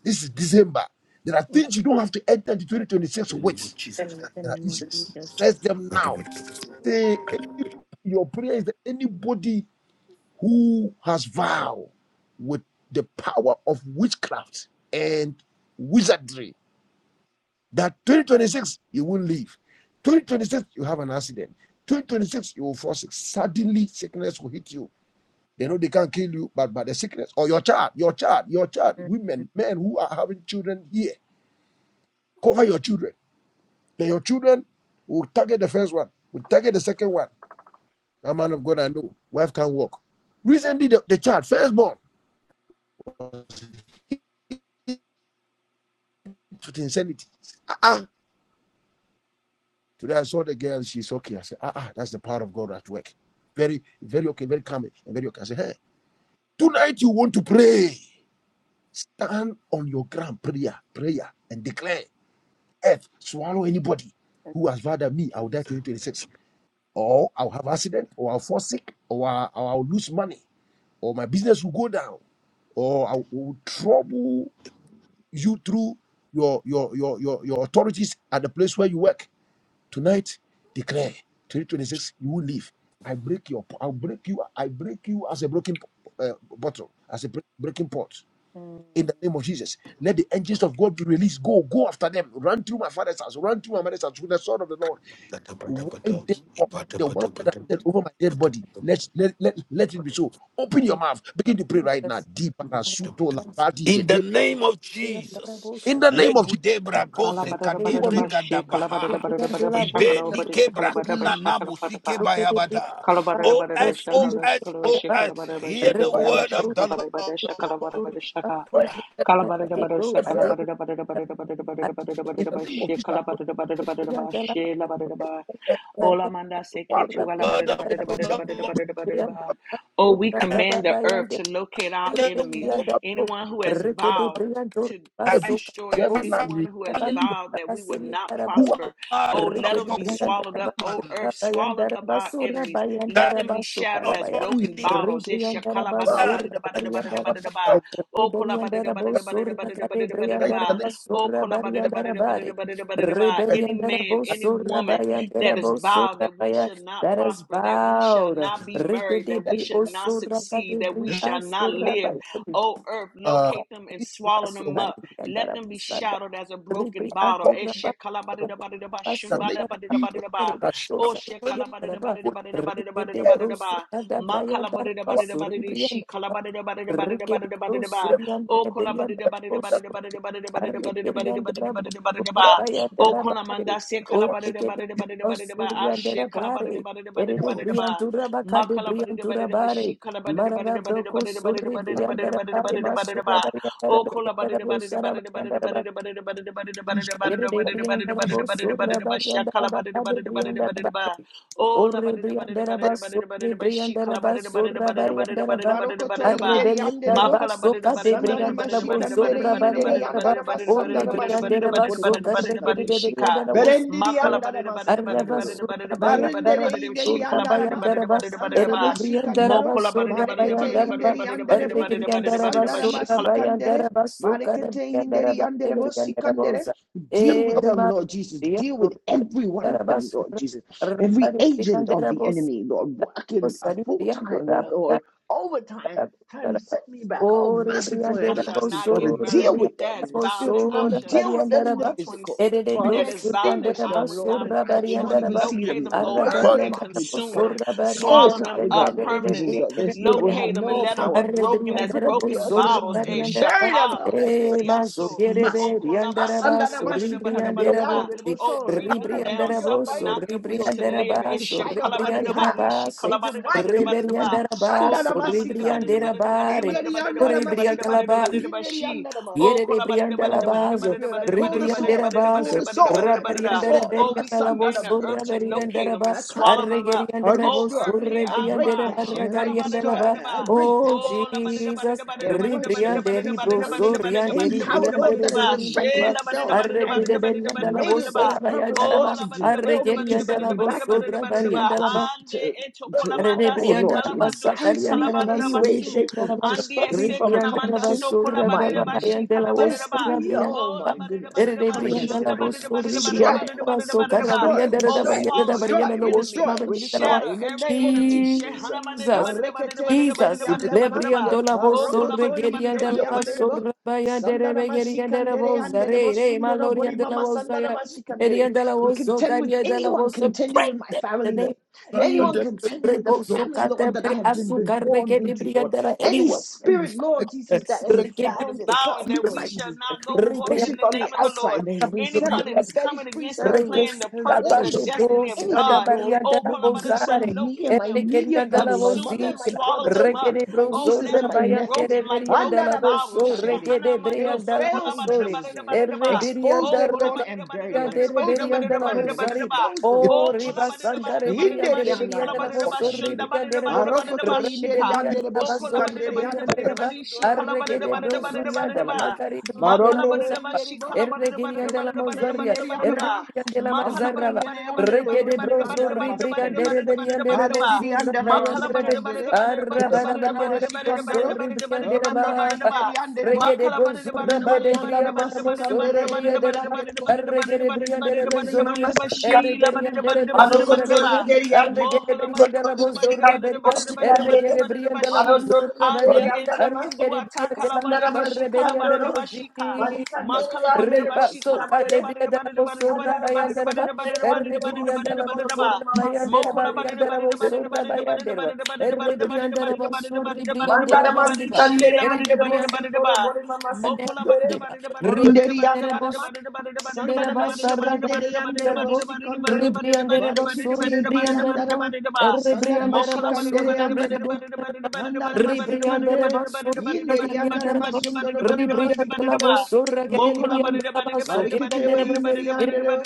This is December. There are mm. In things you don't have to enter into 2026 with. Jesus. the There are name of issues. Jesus. Address them now. Say any, your prayer is that anybody who has vowed with the power of witchcraft and wizardry That 2026, you won't live. 2026, you have an accident. 2026, you will fall sick. Suddenly, sickness will hit you. They know they can't kill you, but by the sickness or your child, your child, your child, Mm, women, men who are having children here, cover your children. Then your children will target the first one, will target the second one. A man of God, I know, wife can't walk. Recently, the, the child, firstborn, hit with insanity. Uh-uh. Today I saw the girl, she's okay. I said, ah, ah, that's the power of God at work. Very, very okay, very calm and very okay. I said, hey, tonight you want to pray. Stand on your ground, prayer, prayer, and declare, earth, swallow anybody thank who has vowed at me, you, I'll die Jesus. 2026. Or I'll have accident, or I'll fall sick, or I'll, or I'll lose money, or my business will go down, or I will trouble you through your, your, your, your, your authorities at the place where you work Tonight, declare 2026, you will live. I break your, I'll break you, I break you as a broken uh, bottle, as a bre- breaking pot. Mm, In the name of Jesus, let the angels of God be released. Go, go after them. Run through my father's house. Run through my mother's house with the sword of the Lord. Wipe them off. like The one that i said over my dead body. Let let let let it be so. Open your in mouth. Begin to pray right now. Jesus. Di para su to la ba di ge In the de. name of Iriandele Jesus, In wosu the kade. name of Jesus, legudebra gose anyone kadebre who Iriandele- Kalabadadabadadabashik, gadabaha, Iriandele wosu. ibe nike brakuna nabu sike kalabadadabadadabadabashakalabadushakalabarabashakalabaraba. bayabada. Thank O Kalabarabara earth, O released shakala earth, shakala O earth, shakalabarabara hear the fire, shakalabunama word I of the shakalabara Lord. shakalabara shaka fire, oh, kalabarabara let fire. shakalabara In the name of Jesus, shakalabara shakalabara olamanda seketu swallow any Word alabara of you. enemies the Lord, That oh we command the earth to locate our and the enemies word of anyone who has vowed to, to every that destroy us. every land in Anyone it. who has shall any vowed that we would not who are not prosper, out oh, of let them a be swallowed up, oh, woman earth, swallowed up our enemies. Let them that be shattered as on who is broken the bottles. bound earth. that will that will Oh, die in the name of Oh, Jesus Christ. Any man, I thank any woman that is vowed that we shall not is prosper, that we shall bowed. not be Rike married, de that bri we shall not osura ka de succeed, that bri we shall not the Lord. asura live. Oh, earth, Uh, locate them and swallow it's swallow the them west pasukan up. in the wind. Let antara them be pasada shattered as a broken ribri bottle. For antara the pasada the name of pasukan Jesus. And antara I should dosa Oh, ya teraba go regede everyone, dosa ada braya antara pasu ribri antara regede brusu Oshekalabadidabadidabadidabadidabadidabadidabadidaba. every, antara beli antara every pasu that probably Arrekeri antara brusu swallow Makalabadidabadidabadidabadidabadidabadidabadidabadidabadidaba. Okolabadidabadidabadidabadidabadidabadidabadidabadidabadidabadidabadidabadidaba. rabaya antara bare Okolamandase o or dosa yang antara bare Erede swallow kalabadidabadidabadidabadidabadidaba. briantura Ashekalabadidabadidabadidabadidabadidaba. bakade briantura bare Marada broko suri and then briandara pari masura Makalabadidabadidabadidabadidabadidabadidabadidabadidabadidabadidabadidabadidabadidabadidabadidabadidabadidabadidaba. Bariandara Oh, kola bada briandara da bada da Bosara bada da bada da briandara busara bada da bada da bada da bada please da to bada Yerde da bada da briandara bada da bo bada da bada da bada da bada surra da ba bariandara shakala bada da bakade bada da bada da briandara bada da ba. bakai. Oh, la Orre bada da bada da briandara bada obtain ba da them. bada da bada surre da ba briandara shikala ba bada da bada da surra bada da bada da bariandara bada da ba. bada da Maroko to bada da ba. Arre inderi andere briandara bo. ba Makala bada da soka bada de da bada Sandana da briandara bo bada da bada mashikandere da surra bada da inderi bada da bada da bariandara ba. andana bada da bada Orre da masandana bada da bada briandara masundoro ba da bada da bada da bore bada da mama soka bada da rekede bada da de shikandere. shika. briandara bo Berendiri surra Makala baya. bada andana da bada da Arre bada da ba bada da masikandoro. bada surra da bada da bada da bayandara Marendere bada ba da inderi surra shikala bada andana da ma. bada bayandara da ba. bada da bada da Erre Sandana ba. briandara mashikandoro. ba Mokola bada da surra bada da Marekete bada da bayandara bada da inderi bada da bada andere da Arre bo. bada da bada da briandara bada ba da ba Sandana shikala surra masikandere. bayandara ba soka de Marekete briandara inderi ba de andere bo briandara sikandere. Deal with them, Ema Lord Jesus. dia Deal with do every one of them, Rabas Lord Jesus every Rabari agent of the Brianderabos enemy, Lord, working a Sari full time, Lord overtime, trying to set me back. Oh, Oh, merciful and I Rebriandera shall everlasting not Father, get Bosso, married. deal Rebriandera with That them in has the vowed that Bosso, spiritual I realm, shall deal not with see them Rabariandera in the Ba, physical. 2026. Ede Father, That has vowed that extinguish Brosuriandera I them, would Basso, Lord, die that I would not prematurely. Rabariandera even Ba, see Locate them. them, O earth, Burn Everybody, them and up Arragariandera with your consume fire. Bosso, them. Oh, Swallow Rabariandera, them Father up God, Lord Jesus, permanently. that their spirit will have Rebriandera Locate them and no let Bosso, them power. be broken as Open Arrebriandera up the broken earth Bosso, and bottles. swallow Eh, them. Rabariandera Bury Ba, them alive, shakabo, Lord E sindi Mazo, Jesus, aso. if you must. Oh, Gerebe, Riandera kolabada da bada da Basso, bada da bada da bada da Rebriandera ba. Bossi, Oh, Asandanamashikandireandiribosor. bring them Father, down. send Rebriandera your Suffer Bosso, fighting not the wish angels, to Rebriandera Lord, live. Eh, to Basso, fight on my shakalabada da Rebriandera bada di behalf. shi, Basso, Angel kalabada da bada da Michael bada da and ba. Rebriandaraba, Oh, so Shandana kolabada da bada da Masikandere. bada da bada da rebriandarabare, bada da Inderi Andana bada da bada da bada da bada da rebriandalaba, Masikandore. bada da ba Inderi shi. Oh, yere kolabada da bada da Oh, bada da Holy bada rebriandalabazo, da Spirit, I bada da pull the bada da bada da sword, bada I da bada pull da rebriandarabazo, the bada da bada sword, da I bada pull the da. sword. Oh, Ah, we rabariandaraberiandalabo, command the so earth to And locate them and rabariandaraba, I cut swallow them down, up. I Oh, arregeriandarabo, destroy, so earth, hear I our break cry. down, and I destroy, rebriandarabaragariandalaba. I break down, Oh and Shekalabadidabadidaba. Oh, I destroy. Jesus, Their works, their rebriandaribro, so principality, any power, Lord, that labadidabadidabadidabadidabadidabadidabadidabadidabadidabadidabadidabadidaba. has erected riandaribariandarabariandalaba, itself and has made arregeriandalabo, it Shelabadidabadidabadidabadidabadidabadidabadidaba. its purpose, Lord, Oh, sarabayandaraba, to derail me, to set me arregeriandalabo, back, so to, to, labadidabadidabadidabadidabadidabadidabadidaba. to, rabariandalaba. Ande to, eto to kolamanda oh se Lord, to kalabado shi embarrass me in any way, kalabadadabasu. shape, or to Ande stop me se from kanamanda accomplishing so my kolabadidaba shi kalabadidaba. Destiny, oh Oh, my goodness, I come labadidabadidaba. against it right now. Destroy it, Shondabadidabadidabadidabadidabadidaba. destroy it, Oh, destroy it, swallow destroy every it, destroy enemy, it, destroy it shatter in the every name of enemy. Jesus. Jesus, Marekete inderi Jesus. andarama, Lebriando la voz Oh, sorre marokoto gerianda la inderi voz anderebo, sorra baya dere sandarama gerianda la shikandere voz anderebo, re re sundoro maloria bori de la mama voz ya sandarama shikandere. erianda la We voz contend sorra with de la anyone voz contending with break my them in the family name name, of Jesus. anyone contending with the Rebo family, soka Lord, that I tebre have been asuka born reke de into, Lord. briandara Any anyone. spirit, Lord Jesus, that has Reke that is found bowing itself, that de Lord we shall Jesus, not go being forth in worshipped the on the name briandara. of the Lord. outside, that has been set Anyone up, that any is coming fetish priest against the that plan, the has purpose, Rekesaba the de orchestrated destiny Bros, of anything, God, Lord, Yadabaria de oh, la Bozare, concerning me and locate my them Eregeria immediate and de la family, my consume mother them, and my Bozira, swallow brothers, them Lord Jesus, up. Regede my Oh, Broso, nieces let and my them be Rabaya de nephews. broken like Reveria de broken la bottles. Boso, Andaramashikandere. Regede They will Brian de la fail in Masore, Jesus' name. Ereberia Expose Oh, de them, Lord, and bury Recaria them. de Expose them Reberia and de la burn them. Bozari, kolabadidabadidabadidabadidabadidabadidaba. Expose them, in O Oh, Lord Riba Jesus. Santa Rebria kolabadidabadidabadidaba. de Inderi She Reveria de la kolabadidaba. Boso, andaramashikandere. Rebria de Revo, Shundabadidabadidabadidaba. Marokoto Regede inderi Shika. Bria de andere la Oh, Baso, bosikandere Rebria de andere Reba, kolabadidabadidabadidabadi. She bosundoro inderi Arregede andere Brosuria de la kolabadidabadidabadidabadidaba. basikandere. Macari Bria Ma de la Marondoro kolabadidaba. Mozapa, inderi She bo. Eregeria de la Melekete Mozaria. inderi kolabadidabadidabadidabadidabadidabadidaba. andara. Erribriande la Ma mazarraba. Ahikandere andere Reke de hundri brozo andara ribriande masikandere. reberiande kolabadidabadidabadidabadidabadidabadidabadidabadidabadidabadidabadidabadidaba. Marendiri rebozurra andara Ma bayande rebe. masikandere. the Arrabana Asandara maria de brozo masikandoro. ribriande Rondoro reba. inderi kolabadidabadidabadidabadidabadidabadidabadidabadidabadidabadidabadidabadidabadidabadidabadidabadidaba. andere bo. Reke de brozurra Inderi bade Yeah, andara griande remozo masikandere rebriande inderi reba. andere bo. Arreke de briande Yeri mama rebezorria. sanda. Erreke riande rebezorra beria. Arreke de briande la bozorra beria. Erreke de briande la bozorra on Ande beria. ete Arreke kendu de ata briande la kalabada bashi mazarre beriande kalabada bashika. rebozi. Makala bada Riba bashi soka kalabada the body debria the da body the body bosura Mandara bayandereba. masikandere andere bosi Erigiriandala tolo bori basura mama sikandere. under Bosikoro, Borimama bayandereba Sikandere. riandera bosura bayandereba. Eribriandara basuri briandera Mandara bandiba. masikandere andere Eribriandera bosutoro borima masikandere bandiba. boronderi Ribriandera andarama sandara Dereba sarra gada masikandere andere derebo. bosikondoro Ribrian dereba sur barikiti indi ribrian dereba. andarama sandara Ribrian dereba masikandere sur ribrian andere bo dereba. andara Ribrian masikandere dereba sur inderi ribrian andara dereba. masundoro borima Ribrian dereba masikandoro sur eri mam ribrian dereba. So kirian barikiti dereba. inderi andere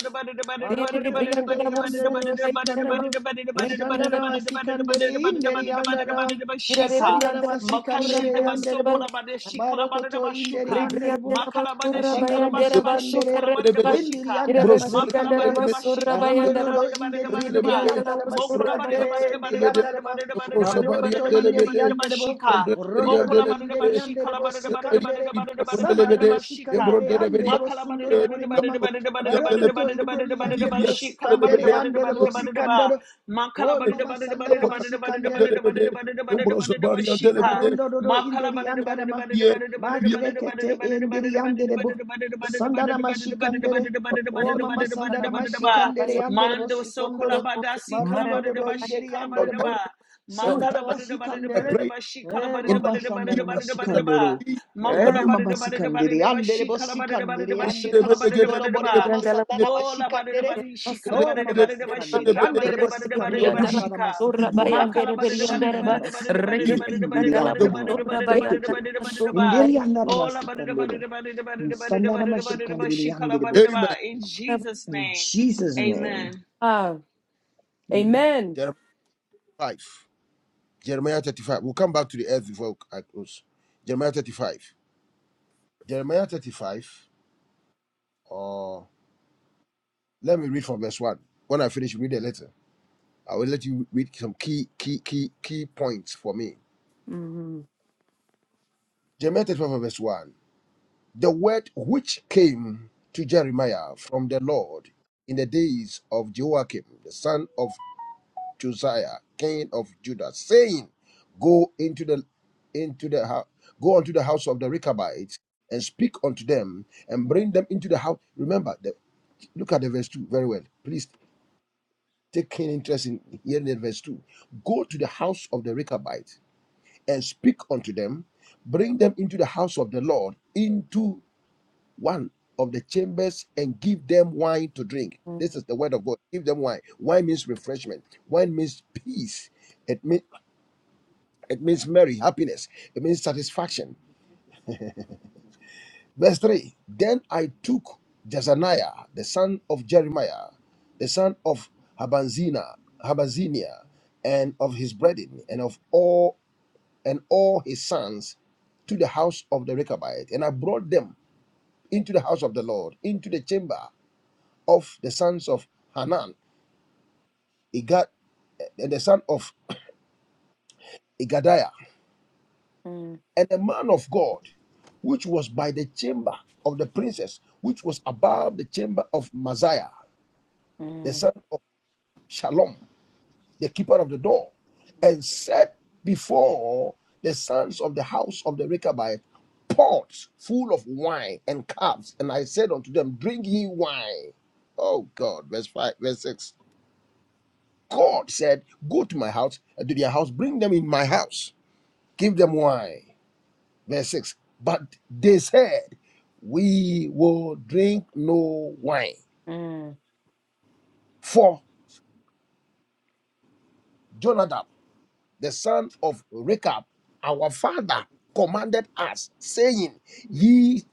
Arokoto Ribrian inderi dereba sur andere ribrian dereba. wasikandoro. Ribrian Asandara dereba. wasikandere inderi andara. Ribrian Asandara dereba sur wasikandere ribrian anderebo. Marokoto inderi anderebo. Ribriandarabasura Asandara masikandere. Bayandarabasukaraba. Indiri andara masikandere. Irebesuriandarabasura Bayandaraba. Marandoro inderi indiri andara Ribriandarabasura masikandere Bayan. indiri andara ma. Marokoto inderi anderebo. O Rondoro kolabadeba inderi shika, anderebo kolabadeba sikandere. kolabadeba Sandara kolabadeba shika, masikandere ma anderebo kolabadeba sundoro bore mama. kolabadeba Marokoto inderi yandere kolabadeba shika, bosikandere yandere bosikandoro. ma Oh kolabadeba mama sandara masikandere. kolabadeba kolabadeba shika, Marondo dodo ma kolabadeba kolabadeba kolabadeba shika, ma inderi kolabadeba yandere ma. kolabadeba Ma kolabadeba krekete inderi yandere bo. shika, Sandara masikandere. Oh ma mama sandara Irebesura masikandere yandere bosikondoro. kolabadeba Bayandarabo. kolabadeba Marondo Maradabasura dodo kolabadeba inderi yandere shika, time, bo. ma. Bayan. on Sandara Mankala time, bada da bada da I bada masikandere. da pray. ba she kala Eh, bada da in the mamba bada da bada name da sandana of bada da Jesus, in bada the da name of ba. masikandoro. Jesus, Eh, Mokola bada mamba da bada da bada sikandere. da ba Andere she bo kala bada da bada da sikandere. ba she Andere bo kala bada da sundo no bada da bori ba. mama Irebesuriandarabasura sandana Mola bada da masikandere. bada she kala Oh, bada da mama bada da ba Bayandaraba. she sikandere. kala bada Andere da bo bada da bada da sikandere. ba she Andana ka. Ribriandarabasura masikandoro. Makala bada da bada da Shandana bada Bayandarabriandaraba. da bada da bada da masikandere. bada da Indiri bada Rekedebriandarabasura da andana mama. bada da Break bada da bada it. da bada da bada da bada da Bayandarabasura ba. Indiri anda andana Ola bada da bada masikandoro. da bada da bada da bada da Sandana bada Bayandaraba. da bada da ba masikandere. she kala Andere bada bo. da ba. Amen. In Jesus' In name, Jesus' amen. name. Amen. Amen. Jeremiah 5. Jeremiah 35. We'll come back to the earth before I close. Jeremiah 35. Jeremiah 35. Or let me read from verse 1. When I finish, read the letter. I will let you read some key, key, key, key points for me. Mhm. Jeremiah 35 verse 1. The word which came to Jeremiah from the Lord in the days of Jehoiakim the son of Josiah, king of Judah, saying, Go into the into the house, go unto the house of the Rechabites and speak unto them and bring them into the house. Remember, the, look at the verse 2 very well. Please take keen interest in hearing the verse 2. Go to the house of the Rechabites and speak unto them, bring them into the house of the Lord, into one of the chambers and give them wine to drink. This is the word of God. Give them wine. Wine means refreshment. Wine means peace. It, mean, it means merry, happiness. It means satisfaction. Verse 3 Then I took Jezaniah, the son of Jeremiah, the son of Habanzina, Habanzinia, and of his brethren, and of all and all his sons to the house of the Rechabite, and I brought them into the house of the Lord, into the chamber of the sons of Hanan, Igad, and the son of Igadiah, and a man of God, which was by the chamber of the princess, which was above the chamber of Messiah, the Mhm. son of Shalom, the keeper of the door, and set before the sons of the house of the Rechabite pots full of wine and cups. And I said unto them, Drink ye wine. Oh God, verse 5, verse 6. God said, Go to my house and to their house, bring them in my house. Give them wine. Verse 6. But they said, We will drink no wine. Mm, For Jonadab, the son of Rechab, our father, commanded us, saying, Ye,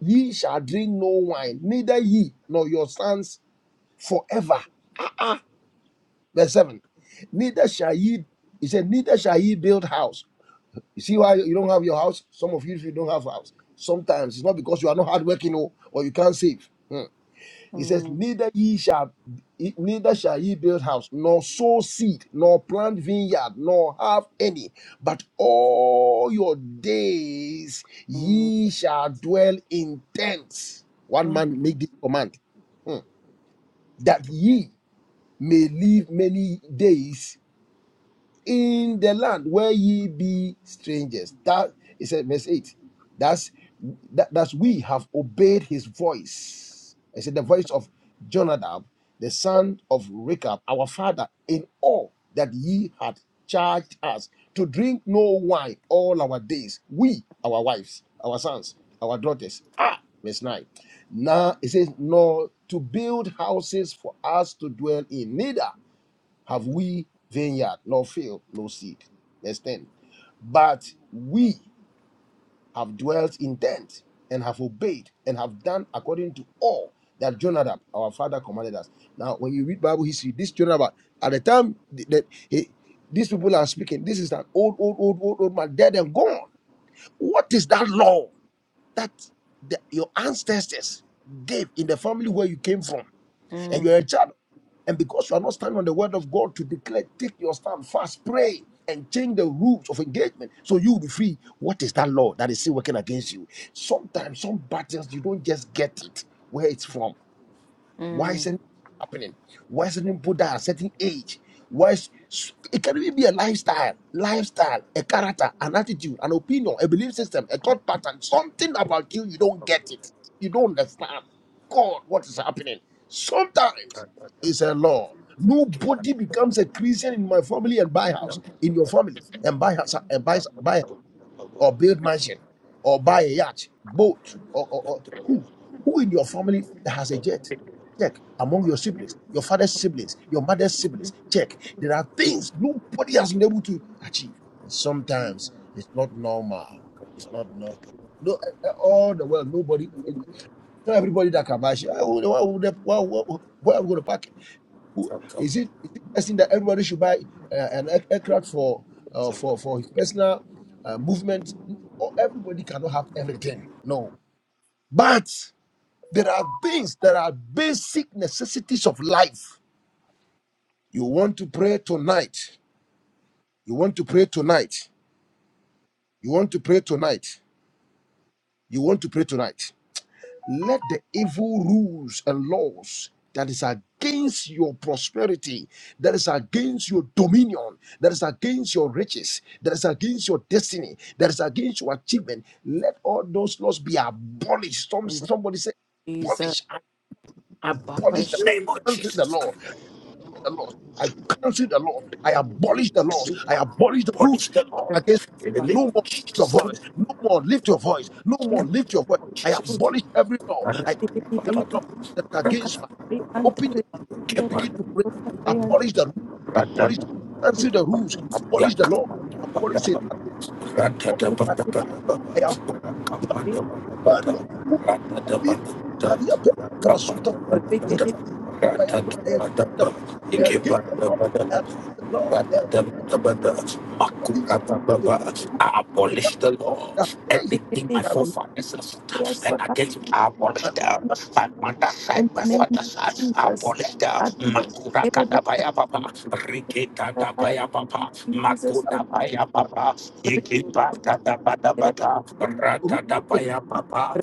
ye shall drink no wine, neither ye nor your sons forever. Ah, ah. Verse 7. Neither shall ye, he said, neither shall ye build house. You see why you don't have your house? Some of you, if you don't have house, sometimes it's not because you are not hardworking or, or you can't save. Hmm. He says, mm, Neither ye shall neither shall ye build house, nor sow seed, nor plant vineyard, nor have any, but all your days mm, ye shall dwell in tents. One mm, man make this command hmm, that ye may live many days in the land where ye be strangers. That he said, verse 8. That's that, that's we have obeyed his voice. I said the voice of Jonadab, the son of Rechab, our father, in all that ye had charged us to drink no wine all our days. We, our wives, our sons, our daughters. Ah, verse 9. Now it says, nor to build houses for us to dwell in, neither have we vineyard, nor field, no seed. Verse 10. But we have dwelt in tents and have obeyed and have done according to all that Jonadab, our father, commanded us. Now, when you read Bible history, this Jonadab, at the time that he, these people are speaking, this is an old, old, old, old, old man, dead and gone. What is that law that the, your ancestors gave in the family where you came from? and mm, you're a child and because you are not standing on the word of God to declare, take your stand, fast, pray, and change the rules of engagement so you will be free. What is that law that is still working against you? Sometimes some battles you don't just get it where it's from. Why mm. isn't it happening? Why isn't it put at a certain age? Why is, it can even be a lifestyle, lifestyle, a character, an attitude, an opinion, a belief system, a thought pattern, something about you, you don't get it. You don't understand. God, what is happening? Sometimes it's a law. Nobody becomes a Christian in my family and buy house, in your family, and buy house and buy buy house or build mansion or buy a yacht, boat, or, or, or who? Who in your family that has a jet? Check. Among your siblings, your father's siblings, your mother's siblings, check. There are things nobody has been able to achieve. Sometimes it's not normal. It's not normal. No, eh, eh, all the world, nobody, eh, not everybody that can buy shit. Eh, Where, where, where, where, where, where am I going to park it? Who- Is it is it guessing that everybody should buy uh, an air- aircraft for uh, for for his personal uh, movement? Or everybody cannot have everything. No, but there are things that are basic necessities of life. You want to pray tonight. You want to pray tonight. You want to pray tonight. You want to pray tonight. let the evil rules and laws that is against your prosperity, that is against your dominion, that is against your riches, that is against your destiny, that is against your achievement, let all those laws be abolished. Some, In the somebody say, Jesus abolish, ab- abolish the, abolished Name of cancel the Jesus law Christ. the laws. I cancel the laws. I abolish the laws. I abolish the Punish rules. the Not law. the against In the rebels. name no of more lift your Jesus. voice. No more lift your voice. No come, more come in lift the your voice. name of I Jesus. abolish every law. Rada, I cancel bada, Rebelli every bada, law brianda bada. that's suka Rada, against my brianda open your mouth rebanda and begin bada, to pray. rabuka brianda Abolish the rules. bada, Abolish the rada, cancel dike the rules. Abolish the yaka, law. bada, Abolish it. bada, I bada. Rada, abolish da, bada, I bada, abolish I abolish bada. Raka, bada, bada, bada. Rada, da, bada, appeal, bada. I Raka, bada, bada, bada. rebelli Rada, engage da, bada, the blood. bada. I Yeke, engage the bada, blood. I bada. engage the I blood. of Jesus. Did not move, did not abolish the walk. law. I say, I Everything rebelli my got lost forefathers have done, brianda my and suka against it, I abolish my them. my My mother's side, in my the name own of father's side, I Jesus. abolish them. At room, Makura rebelli and kadabaya baba, rike the death kadabaya baba, Jesus your makuda rebelli baya baba, rebelli Ikibakadabadabada, did not rule, did not- rakadabayababa,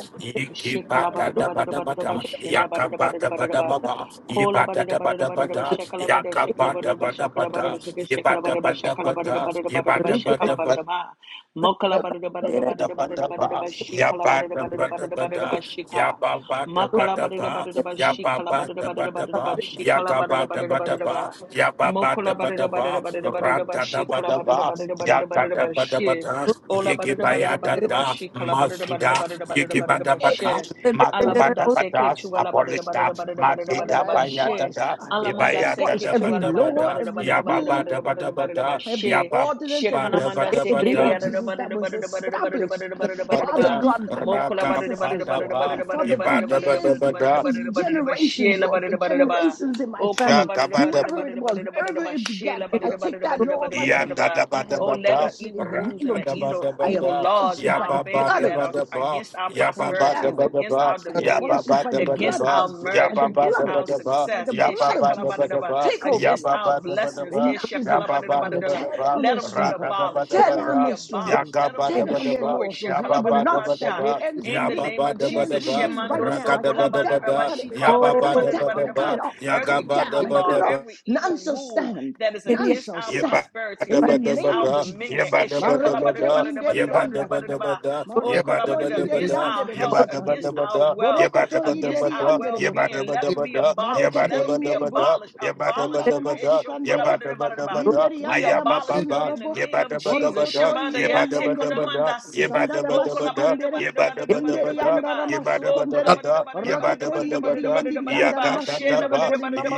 Shekala bada da bada da bada da ikibakadabadabada, ba shinda bada da bada da bada da ba yakabadabadababa, kola bada da bada da bada da ba ibadadabadabada, shekala bada shekala bada da ba shekala bada da yakabadabadabada, seke shekala bada da ba shekala bada ibadabadabada, da bada da bada da ba rebelli and shekala ibadabadabada, bada da ma mokala bada da bada da bada rebelli da yabba bada da bada da dabba ba shekala ba bada da bada da bada dabba da ba bada da ba da sheka yabba ba Arre, dabba makala bada da dabba bada da ba ba shekala ba bada da bada da bada da dabba ba ba shekala yagga bada ba da ya ba ba. yabba ba dabba ba ya ga ba da bada da ba da bada da ba ba ya ba ba da mokola ba bada da da bada da ba bada da bada ra da ba da dabba shekala dabba bada da ba dabba bada da bada da bada da ba she yagga-dabba-dabba-da, ba Ola barada barada barada it yiggi-ba-ya-da-da, bashi kala barada barada masuda, barada barada is barada destroyed. yiggi-ba-dabba-da, bashe. Alamanda se makubadabada, ketu ala barada abolista, barada barada So barada Father, barada I ba ya da bashe. abolish, da I Lord, I Alamanda se abolish ketu every ala barada law, ibaya-da-dabba-dabba-da, barada every barada barada rule, barada barada barada yabba-ba-dabba-dabba-da, every bashe. yabba- She ordinance, every kalamanda se statute, keli Ba-da-ba-da-ba-da, Lord ala Jesus, that barada was barada barada barada established, barada barada barada In Father ba. Bada, Jesus, God, by my Mokola barada barada ancestors, barada I Lord. put Ragabadaba, barada Father, for barada barada barada years, barada barada Ibadabadabada, for barada barada bashe generations, la Lord, for barada barada ba. generations in my Oh, kola family, ba da da ba Shagabada. da da ba it whoever da it da ba was, da da ba da da wherever ba, it began, shela ba da I here. da ba da take da ba that da da ba law da da right ba da now da Yanda ba. da and ba I da Oh, ba let da, the abolish it evil in the rules name and randa the of da ba Jesus. evil da ba I evil da, abolish laws in it ya by our the ba ba family blood da of that ba are da Jesus. ba, against our I ya ba tear it ba da prosperities, ba down. da against ba, our I ya dominions, ba abolish it ba by da the ba da against blood of ba, our Jesus, ya by merge, the ba ba against da blood ba of our da Jesus, ba, by success, the ya eh, ba blood shea of ba kala da ba da ba Jesus. da da ba, ba, Take over, ya against ba Lord our ba da Jesus. ba da blessings, ba, eh, Enough shea is ya kala ba ba enough, da da ba ba da da Father. da ba da. da Tear ba, down let their them be ra da strongholds. ba abolished, da Tear ba let them down be da, their ya abolished, strongholds. ga let them ba be Tear da ba down da their ba. destroyed. laws so shea Ya ba kala it ba will da ba da da not ba ba da sha. stand. It ba, ends with In ya the ba me. name ba of da It ba da Jesus, ends with ba, me right shemando ra now. so I da cut ba kola it ba da da ba da down. I ba da, cut shi it ya off. I ba cut ba it da ba down. da I cut it ba, off. I ya cut ga Every it ba da down. evil I ba cut law, it da ba. off. every evil None shall rule stand. that is None against shall our stand. prosperity, In is the against name our of Yabba-dabba-dabba-da, dominion, Jesus. it's Marekete yabba-dabba-dabba-da, inderi I put andarama. yabba-dabba-dabba-da, oh, it Marokoto is- It is- inderi against yabba-dabba-dabba-da, our andere health, against bosikandere. our yabba-dabba-dabba-da, wealth, Borokoto against inderi our yabba-dabba-dabba-da, andere well bo. being. Let it them be yabba-dabba-dabba-da, abolished. is- it Marekete Let them be inderi bo. yabba-dabba-dabba-da, abolished. Abolish Sandara them. yabba-dabba-dabba-da, mashikandere. yabba-dabba-dabba-da, Inderi We yandara abolish is- ayabba-babba, them masundoro in the bo. name of Jesus. yabba-dabba-dabba-da, Borokoto inderi yandere bo. yabba-dabba-dabba-da, Sandara Oh, yabba-dabba-dabba-da, mashikandere. Inderi yabba-dabba-dabba-da, yandara kolabadidabadidabadidabadidabadidaba. Yebada Oh, bada that was masukondere. bada, yebada Rokete bada inderi bada, yendiri kolabadidabadidabadidabadidabadidabadidaba. yandara yakata masundoro daba, bori mama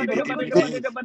the brokote.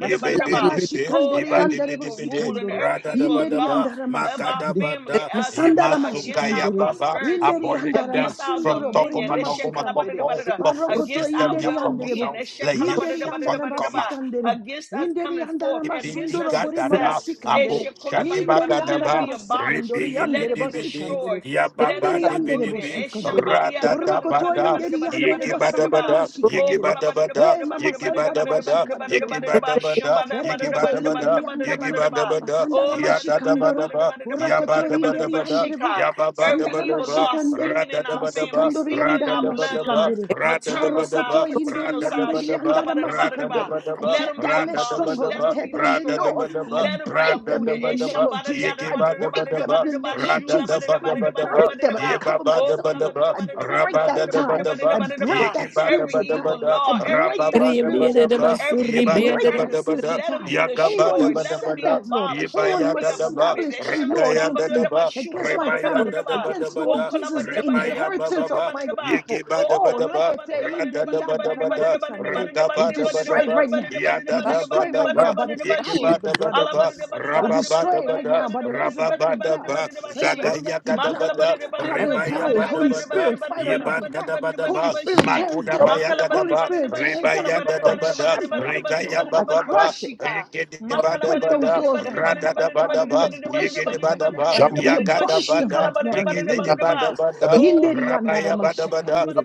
yebadabadabada, yakatadaba, yibidibidi, way they did it. yibidibidi, Oh, mashikandere is- every yandere bo evil rule yibadibidibidi, and sikandoro. every evil Inderi radadabadaba, law yandara of our masikandere. family makadabada, uh, sakala, Asandara against our mashikandere. yimasukayababa. prosperity, Inderi Abolish yandara them against our from masundoro bori dominion, mama this sikandere. Tokomanokomakoko, shekalabadidabadida, Marokoto Bafufia against them our inderi well yandere bo. Yapamusa, being, Inderi Layesu andarama Fankoma. sikandere. against us Inderi coming forth, andarama against Ibidi sundoro us bori mama success. gadada, sikandere. Abu Shadiba Inderi Let it Gadaba, be andarama abolished. sikandoro Ribi Let yandere it Yibidi be bidi, destroyed. basikandere. Let it Yababa Andere be yandere uprooted. Dibidibi, bosikandoro. Boroko to Radadabada, inderi yandere basandarama Yigibadabada, Oh, sikandere. yigibadabada, Eh mama sandarama yigibadabada, sikandoro. kolabadidabadidabadidabadidabadidabadidabadidabadidabadidaba. yigibadabada, Berekete inderi yigibadabada, yandarama. yigibadabada, Oh, Masandarama şikandoro. yadadabadaba, Borokoto inderi yabadabadabada, yandere bo. every Sandarama evil yababadabadaba, law şikandere. speaking in our family, radadabadaba, Masikandoro speaking in our yandarama radadabadaba, bloodlines, şikandere. maternal side, Marokoto radadabadaba, inderi paternal side, yandere radadabadaba, yandarama sikandere. I radadabadaba, let tear them be down their abolished, strongholds. let I them radadabadaba, tear be down their destroyed. laws. I radadabadaba, Let them be break them uprooted. in the name radadabadaba, of Jesus. I break them yigibadabadaba, in the name of Jesus. I radadabadabadaba, break them and I Yeba cover myself, Lord. Rabadabadaba, I break that tie. I Rabadabadaba, break that Every spiritual tie. evil Yigibadabadabada, I law, every break that evil rules, spiritual Rababadabadaba, tie. every I evil break that practices. Ibadabadabada, spiritual Let them tie. be Anyone who destroyed. Let them said be Yakabadabadabada, that, Lord, abolished. Let anyone them who be Ibayadadaba, uprooted. established Every any evil law against me, Rakayadadaba, against my family, against, law, Lord Rebayadadabadabada, every Jesus, the evil inheritance of Rebayabababa, my rules, people. Oh, every Yigibadabadaba, rekete evil practices. Let them inderianda Radadabadabada, be ramasikandere. destroyed. Let We them be destroy it Radabadabadaba, right abolished. now. Let them be We destroy uprooted. it right Makala And now Yadadabadaba, by the power of the blood of Yigibadabadaba, Jesus. We destroy it right Rababadabada, now by the resurrecting Rababadaba, blood. Badaba, By the Zagaya resurrecting blood. Gadabada, Father, Rebaya apply it. Holy Badabada, Spirit, fight on our Yeban behalf. Holy Gadabadaba, Spirit, tear it Makuda the down. Baya Holy Gadaba, Spirit, tear it Rebaya down. I Papa, Dadabada, trample on it, Lord. Regaya I Bababa, crush it. Yegede I break those Badabada, laws right now. Radada Father, we Badaba, abolish Yegede them right now. Badaba, Shambo, We Yakada abolish them Bada, right now in the name Yegede the of Papa, Jesus. the Badabada, Papa, Oh Yinderi Lord God, yandara Rabaya oh Badabada, mashikandere.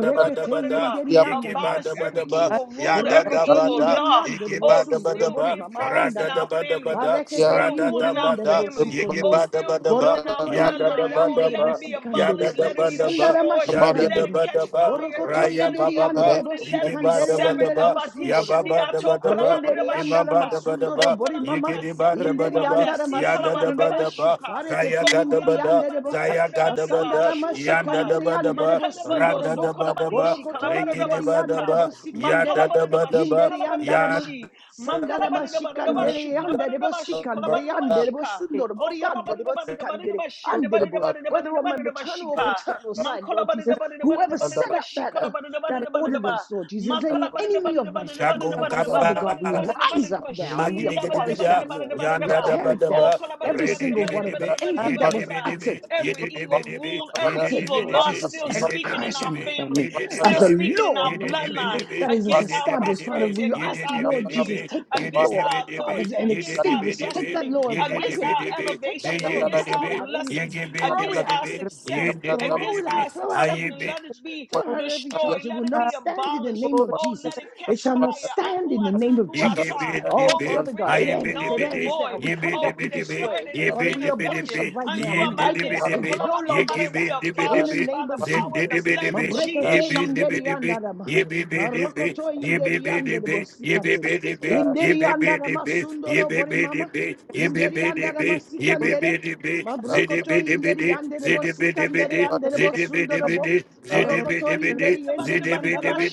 the Papa, Badabada, yinderi yandara abolish Yegibada every Badaba, masikandere. evil rule, every Yadada Borokoto evil Bada, yinderi law. yandere Oh, Yegibada bosundoro still bori being mama practiced in andara ma. our Badaba, family, Marekete still Rada da yinderi ruling our ba yandere da, families. yege Oh, ba bosikondoro. da still ba da ruling ba, in our Borokoto ya da da yinderi bloodline. ba Oh, da yandere let ba, it be ya da bosikandere. abolished, da let it ba be da ba, Sandara destroyed, yada da let da it ba mashikandoro. catch da ba, fire, Borokoto raya let it ba be yinderi ba ba, yandere uprooted, let yege it be ba bosikandere da ba severed. da yandere ba, ya bosundoro. ba bo. ba da ba Abadishindiato da ba, Renderi ye ba andara ba da kolabadidabashuka. ba da masundoro ba, O bori mama. yege kolamanda de se ba da ba da Inderi ba, kenduata andara si yada da da ba kalabadadaba masikandere. da ba, shuka. zaya Mareketi O ga da ba inderi kolabada da, andere bo. zaya ga da ba kolabadadabadadabadadabadadaba da, Masandara shu yanda da kalaba. da masikandere ba da andere ba, bo sundoro rada da Makandabadoso da bo. ba da ba, kolabadishi Borokoto rege kalabadadaba de inderi ba da andere suka. ba, bo yada da sikandere. da ba Makalabadadaba da shi ba, Inderi andara kalabadadaba yada ma. shi. Sandara Makalabadadabadadaba shu masikandere andere bo kalabadadaba shi sikandere kalabadadaba andere bo shika. sundoro O bori andere bo sikandere kolabadadabadadabadadaba andere bo. Whether on my shindabadadabadadabadadabadadaba maternal or shika. paternal side, Lord Makolabada Jesus, daba Every whoever set up that uh, that ordinance, Lord Jesus, any enemy of my family. Shako Amen. Father Kapa, God, we rise up now and Maki we Digi abolish Dibida, that law. We Yanda tear Daba it down. Daba, Every Redi single Dibi one of them, Dibi, anything Yedi that was Dibi Dibi, uttered, Yedi evil Dibi Dibi, rule, every Yedi uttered, evil Dibi Lord law Dibi, Jesus, still as a Yedi speaking in Dibi curse our on my family, family, still as a Dibi, speaking in law, our Yedi Lord Dibi Jesus, bloodline, Dibi, that is as against Yedi our Dibi established. Dibi, Father, prosperity, will you against Yedi actually, our Dibi Lord Jesus, dominion, Dibi, take that Yedi against law, our Dibi Father, Dibi, authority, and against Yedi Dibi Dibi, Yedi our Dibi extinguish our it. Take Dibi, that destiny, law and Yedi against wipe it Dibi out. our Dibi, Take elevation, that law Zeyin and against wipe it our Dibi, out. It is blessings, Yegi throw it against Dibi out, our Dibi, Lord Jesus. success, Yin Throw against it our Dibi out. Throw out every acceptance. Dibi, charge. Let it be Throw out every destroyed. charge. It will Let it will not be stand in the abolished. name of Oh, let Jesus. it It catch shall not fire. stand in the Ambua name of Ye Ye Ye Jesus. tambuata. Ye Ye Oh, Oh, Ye we Father God, render it Ye it ends. It null and ends now. void. We Ye be cut it be Oh, up, we we be, be destroy declare it. that it is Father, be be be we be, abolish ineffective. it be right now. We Andua ye be wipe be, de it mande out. se be It no kolabada ye longer be, We stands in the abolish it by name the of power of the Jesus. blood of Mabrekete Jesus. be inderi de be andarama. ye be, be de be, Marokoto ye be inderi be de andere be, ye bosikandere. Inderi andarama sundoro bori mama. Inderi andarama be be sikandere. de be, zede be Mabrokoto de de inderi de andere de, de de bosikandere andere bosundoro Borokoto inderi Makala enderi yandarama.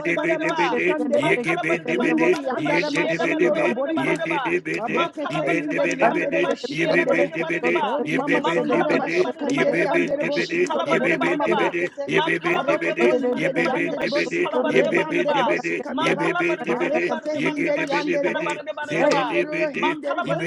de de de de Yikibidi, Ayibidi, be de be, Yikibidi, Zindidi, be de be, Yibidi, Yibidi, be de be, Zidibidibidi, Zidibidibidi, be de be, shikandere. Zidibidibidi, Ziggy Inderi yandarama sundoro borima. Mabrekete inderi yandere besikandere. Ori mama sandara mashikandere yandere bosundoro bori mama brekete. Marokoto hinderi yandere bosikandere yandere bosikandara. Marekete hinderi yandere bo. Hey, Marondoro hinderi bo.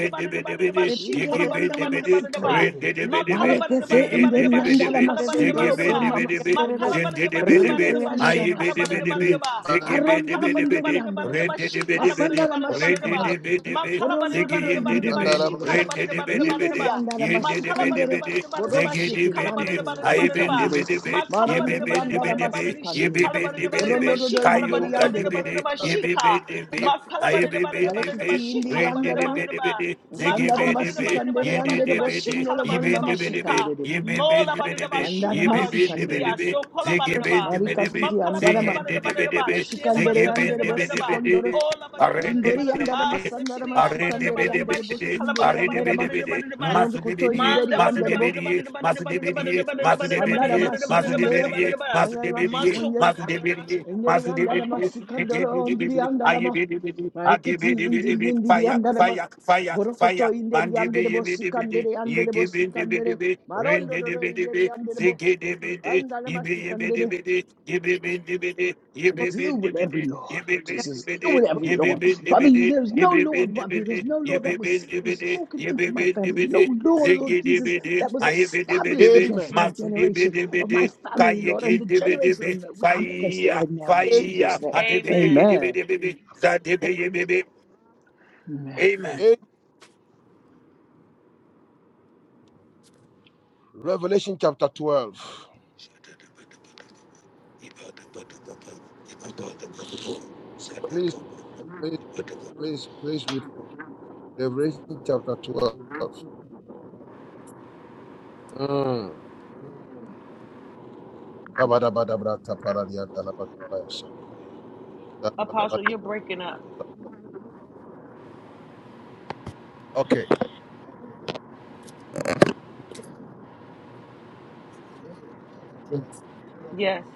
she Inderi andana kalabadadabadadabadadaba. masikandere. Marekete inderi Makalabadadabadadabadadaba, she andana masundoro por kalabadadabadadaba. imama sikandere. Zindidibidibidi, Inderi Makalabadadabadadabadadaba, andana she ayibidibidibidi, masikandere. kalabadadabadadaba. Baronderi inderi zigibidibidibidi, andana ma. Makalabadadabadadabadadaba, she rendidibidibidi, Masandana kalabadadabadadabadadaba. masikandere. rendidibidibi, Borondoro Makalabadadabadadabadadaba, inderi zigiyindidibi, she andere bo. rendidibidibidi, Inderi kalabadadabadadabadadaba. andana masikandere. yindidibidibidi, Makalabadadabadadabadadaba, she Borostuteri zigidibidi, andere kalabadadabadadabadadaba. sikandere. ayibindibidibi, Maronderi andana yibibidibidibi, Makalabadadabadadabadadaba, she masikandere. yibibidibidibi, kalabadadabadadaba, Borondoro she inderi andere bo. kayugandibidi, kalabadadabadadabadadaba, she ka. yibibidibi, ayibibidibi, Makalabadadabadadabadadaba, Malekiti she indiri andana kalabadadabadadaba. rendidibidibidi, Sandara zigibidibi, masikandere andere yindidibidi, bosundoro bol mama Makalabadidabadidabadidabadidabashikabadidabashika. yibindibidibi, sikandere. Andara Molabadidabashuba- shubia. masikandere. yibibidibidibi, Ziggy bin Sokolabadidaba. de bidi bid, Marikatiri andarama. ziggy, de bidi Makalabadidabadidabadidaba. bid, Masikandere ziggy, bin andere de bidi Shelabadidabadidabadidaba. bosikondoro. bid, Inderi Olabadidabadidabadidaba. andara Arende masandara masikandere andere Aridibidibidi, bosundere andarama. aridibidibidi, Setidiabadidabadidabadidabashikalabadidabadidabadidabadidaba. Barondo koto masudibidi, inderi andere bo. masudibidi, masudibidi, Sandara masudibidi, masikandere. masudibidi, Mandabadidabadidabadidabadidabadidabadidabadidabadidabadidabadidabadidabadidaba. Fanyana masudibidi, Macho- masikandere. masudibidi, Indiri andarama masudibidi, sikandoro indiri ikidibidi, andarama. ayibidibidi, Mareketi indiri akibidibidibidi, indiri Fire, andarama. fire, fire, Borokoto fire. indiri anderebo Mandibidibidibidi, sikandere anderebo sikandere. yikibidibidibidi, Marondo doro rindidibidibidi, indiri anderebo. zikidibidi, Andarama sikandere. ibidibidibidi, ibibidibidi, Deal with every ibibidibidi, law, Lord Jesus. Deal ibibidibidi, with every law. Father, you- ibibidibidi, there's no Fire, law above you. There's no law that was, was spoken into my family. No law, Lord Jesus, that was established against my generation of my family, Lord, and the generation of that. We come against it right now in fire, Jesus' name. Amen. Amen. Amen. Amen. Amen. Revelation chapter 12. Please, please, please, please read. for- Revelation chapter 12. Mm. Apostle, you're breaking up. Okay. Yes.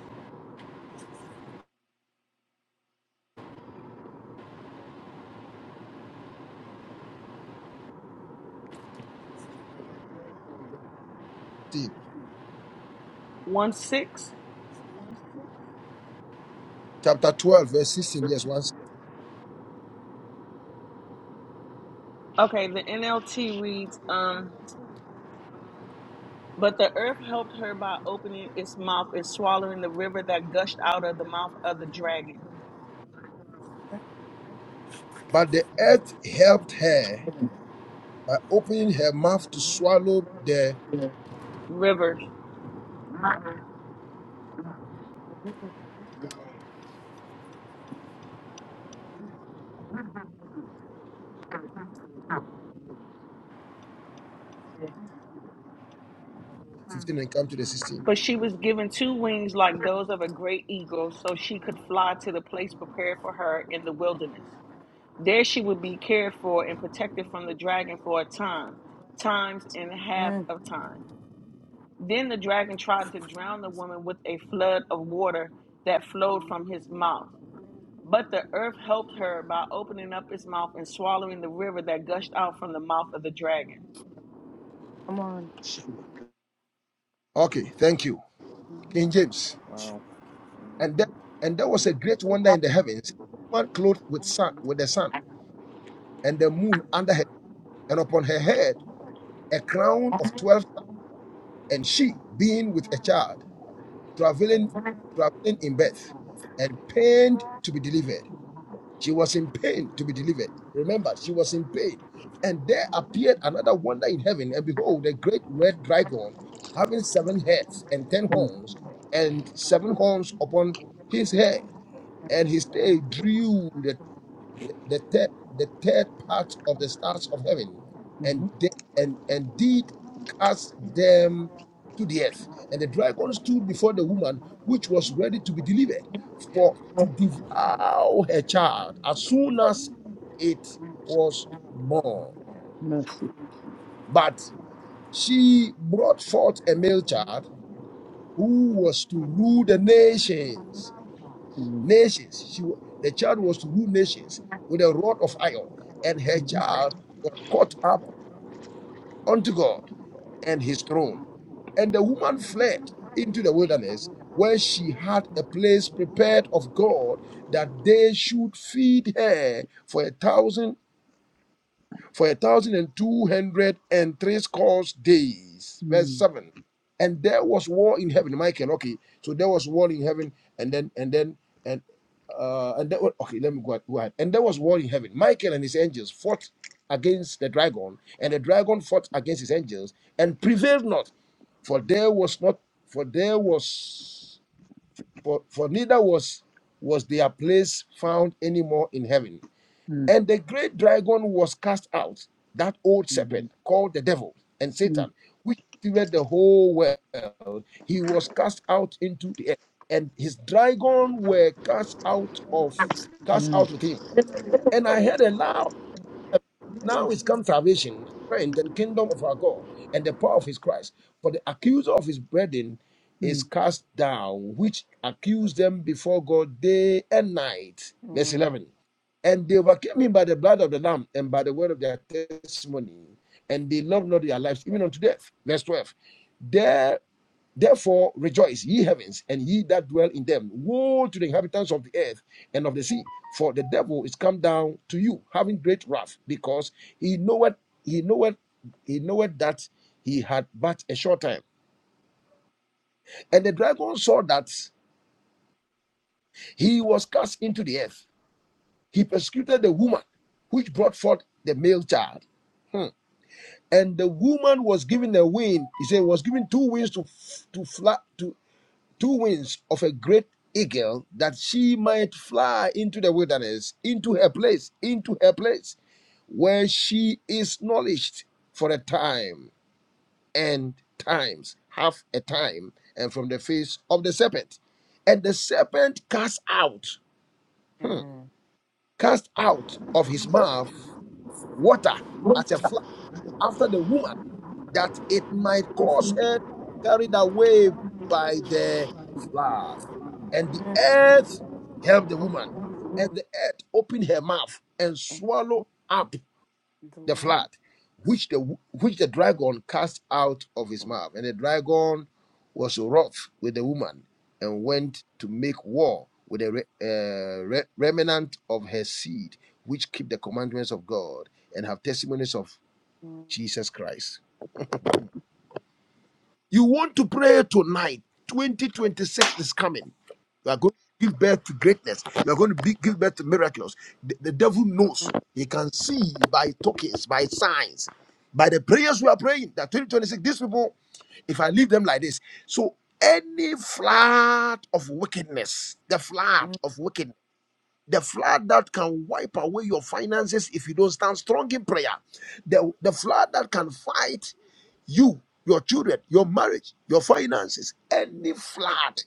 16. One six. Chapter 12, verse 16. Yes, once. Okay, the NLT reads, um, but the earth helped her by opening its mouth and swallowing the river that gushed out of the mouth of the dragon. But the earth helped her by opening her mouth to swallow the River. 15 and come to the 16. But she was given two wings like those of a great eagle, so she could fly to the place prepared for her in the wilderness. There she would be cared for and protected from the dragon for a time, times and a half Mm, of time. Then the dragon tried to drown the woman with a flood of water that flowed from his mouth. But the earth helped her by opening up its mouth and swallowing the river that gushed out from the mouth of the dragon. come on. Okay, thank you. King James. Wow. And there, and there was a great wonder in the heavens, one clothed with sun, with the sun, and the moon under her, and upon her head. a crown of twelve stars, and she, being with a child, traveling, traveling in birth, and pained to be delivered. She was in pain to be delivered. Remember, she was in pain. And there appeared another wonder in heaven, and behold, a great red dragon, having seven heads and ten Mm, horns, and seven horns upon his head, and his tail drew the the third the third part of the stars of heaven and mhm. they, and and did cast them to the earth and the dragon stood before the woman which was ready to be delivered for to devour her child as soon as it was born Mercy. but she brought forth a male child who was to rule the nations Mm, Nations. She, wa- the child was to rule nations with a rod of iron, and her mhm. child was caught up unto God and his throne. And the woman fled into the wilderness, where she had a place prepared of God that they should feed her for a thousand for a thousand and two hundred and three scores days. Verse Mm, seven. And there was war in heaven. Michael, okay. So there was war in heaven, and then and then and uh and that okay, let me go ahead. go ahead. And there was war in heaven. Michael and his angels fought against the dragon, and the dragon fought against his angels and prevailed not, for there was not for there was for, for neither was was their place found anymore in heaven mm. and the great dragon was cast out, that old Amen. serpent called the devil and Mm, Satan, which deceived the whole world. He was cast out into the earth, and his dragon were cast out of cast mm, out with him. And I heard a loud now is come salvation, strength, and kingdom of our God, and the power of his Christ. For the accuser of his brethren mm. is cast down, which accused them before God day and night. Verse Mm, 11. And they overcame him by the blood of the Lamb and by the word of their testimony, and they loved not their lives, even unto death. Verse 12. Therefore, rejoice, ye heavens, and ye that dwell in them. Woe to the inhabitants of the earth and of the sea, for the devil is come down to you, having great wrath, because he knoweth, he knoweth, he knoweth that he had but a short time. And the dragon saw that he was cast into the earth. He persecuted the woman which brought forth the male child. Hmm. And the woman was given a wing. He said, was given two wings to to fly to two wings of a great eagle that she might fly into the wilderness, into her place, into her place where she is nourished for a time and times, half a time, and from the face of the serpent. And the serpent cast out, hmm, mm, cast out of his mouth water as a flood after the woman, that it might cause her to be carried away by the flood. And the mm. earth helped the woman, and the earth opened her mouth and Okay. swallowed What up The the water flood, is which the which the dragon cast out of his right. mouth. And the dragon was wroth with the woman and went to make war with the re- uh, re- remnant of her seed, which keep the commandments of God and have testimonies of Mm, Jesus Christ. You want to pray tonight. 2026 is coming. You are going to give birth to greatness. You are going to be, give birth to miracles. The, the devil knows. mm, He can see by tokens, by signs, by the prayers we are praying that 2026, these people, if I leave them like this. So, any flood of wickedness, the flood mm. of wickedness the flood that can wipe away your finances if you don't stand strong in prayer, the, the flood that can fight you, your children, your marriage, your finances, any flood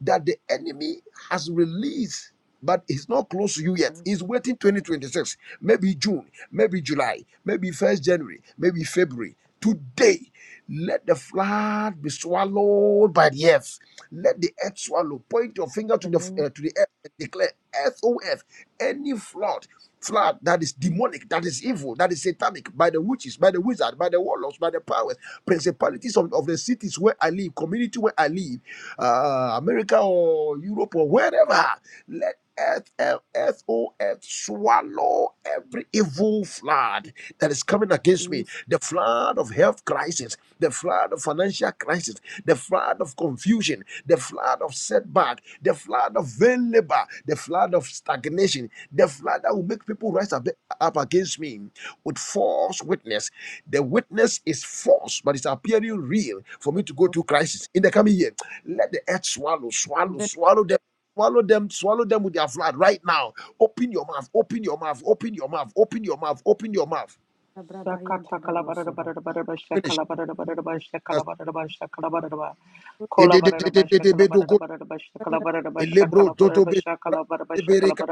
that the enemy has released. But he's not close to you yet. He's Earth, waiting 2026, maybe June, maybe July, maybe 1st January, maybe February. Today, let the flood be swallowed by the earth let the earth swallow. Point your finger to The the name uh, to the earth and declare, "Earth, O earth, any flood, flood that is demonic, that is evil, that is satanic, by the witches, by the wizard, by the warlocks, by the powers, principalities of, of the cities where I live, community where I live, uh, America or Europe or wherever. Let earth, earth, earth, O earth, swallow every evil flood that is coming against me. is The flood of health crisis, the flood of financial crisis, the flood of confusion, the flood of setback, the flood of vain labor, the flood of stagnation, the flood that will make people rise up, up against me with false witness. The witness is false, but it's appearing real for me to go mm, through crisis in the coming year. Let the earth swallow, swallow, the swallow them swallow them, swallow them with their flood right now. Open your mouth, open your mouth, open your mouth, open your mouth, open your mouth. Abrabaya Dadavosura. Finish. Yes. Ededededededebedogo, elebro, dodobe, bra- ebereka,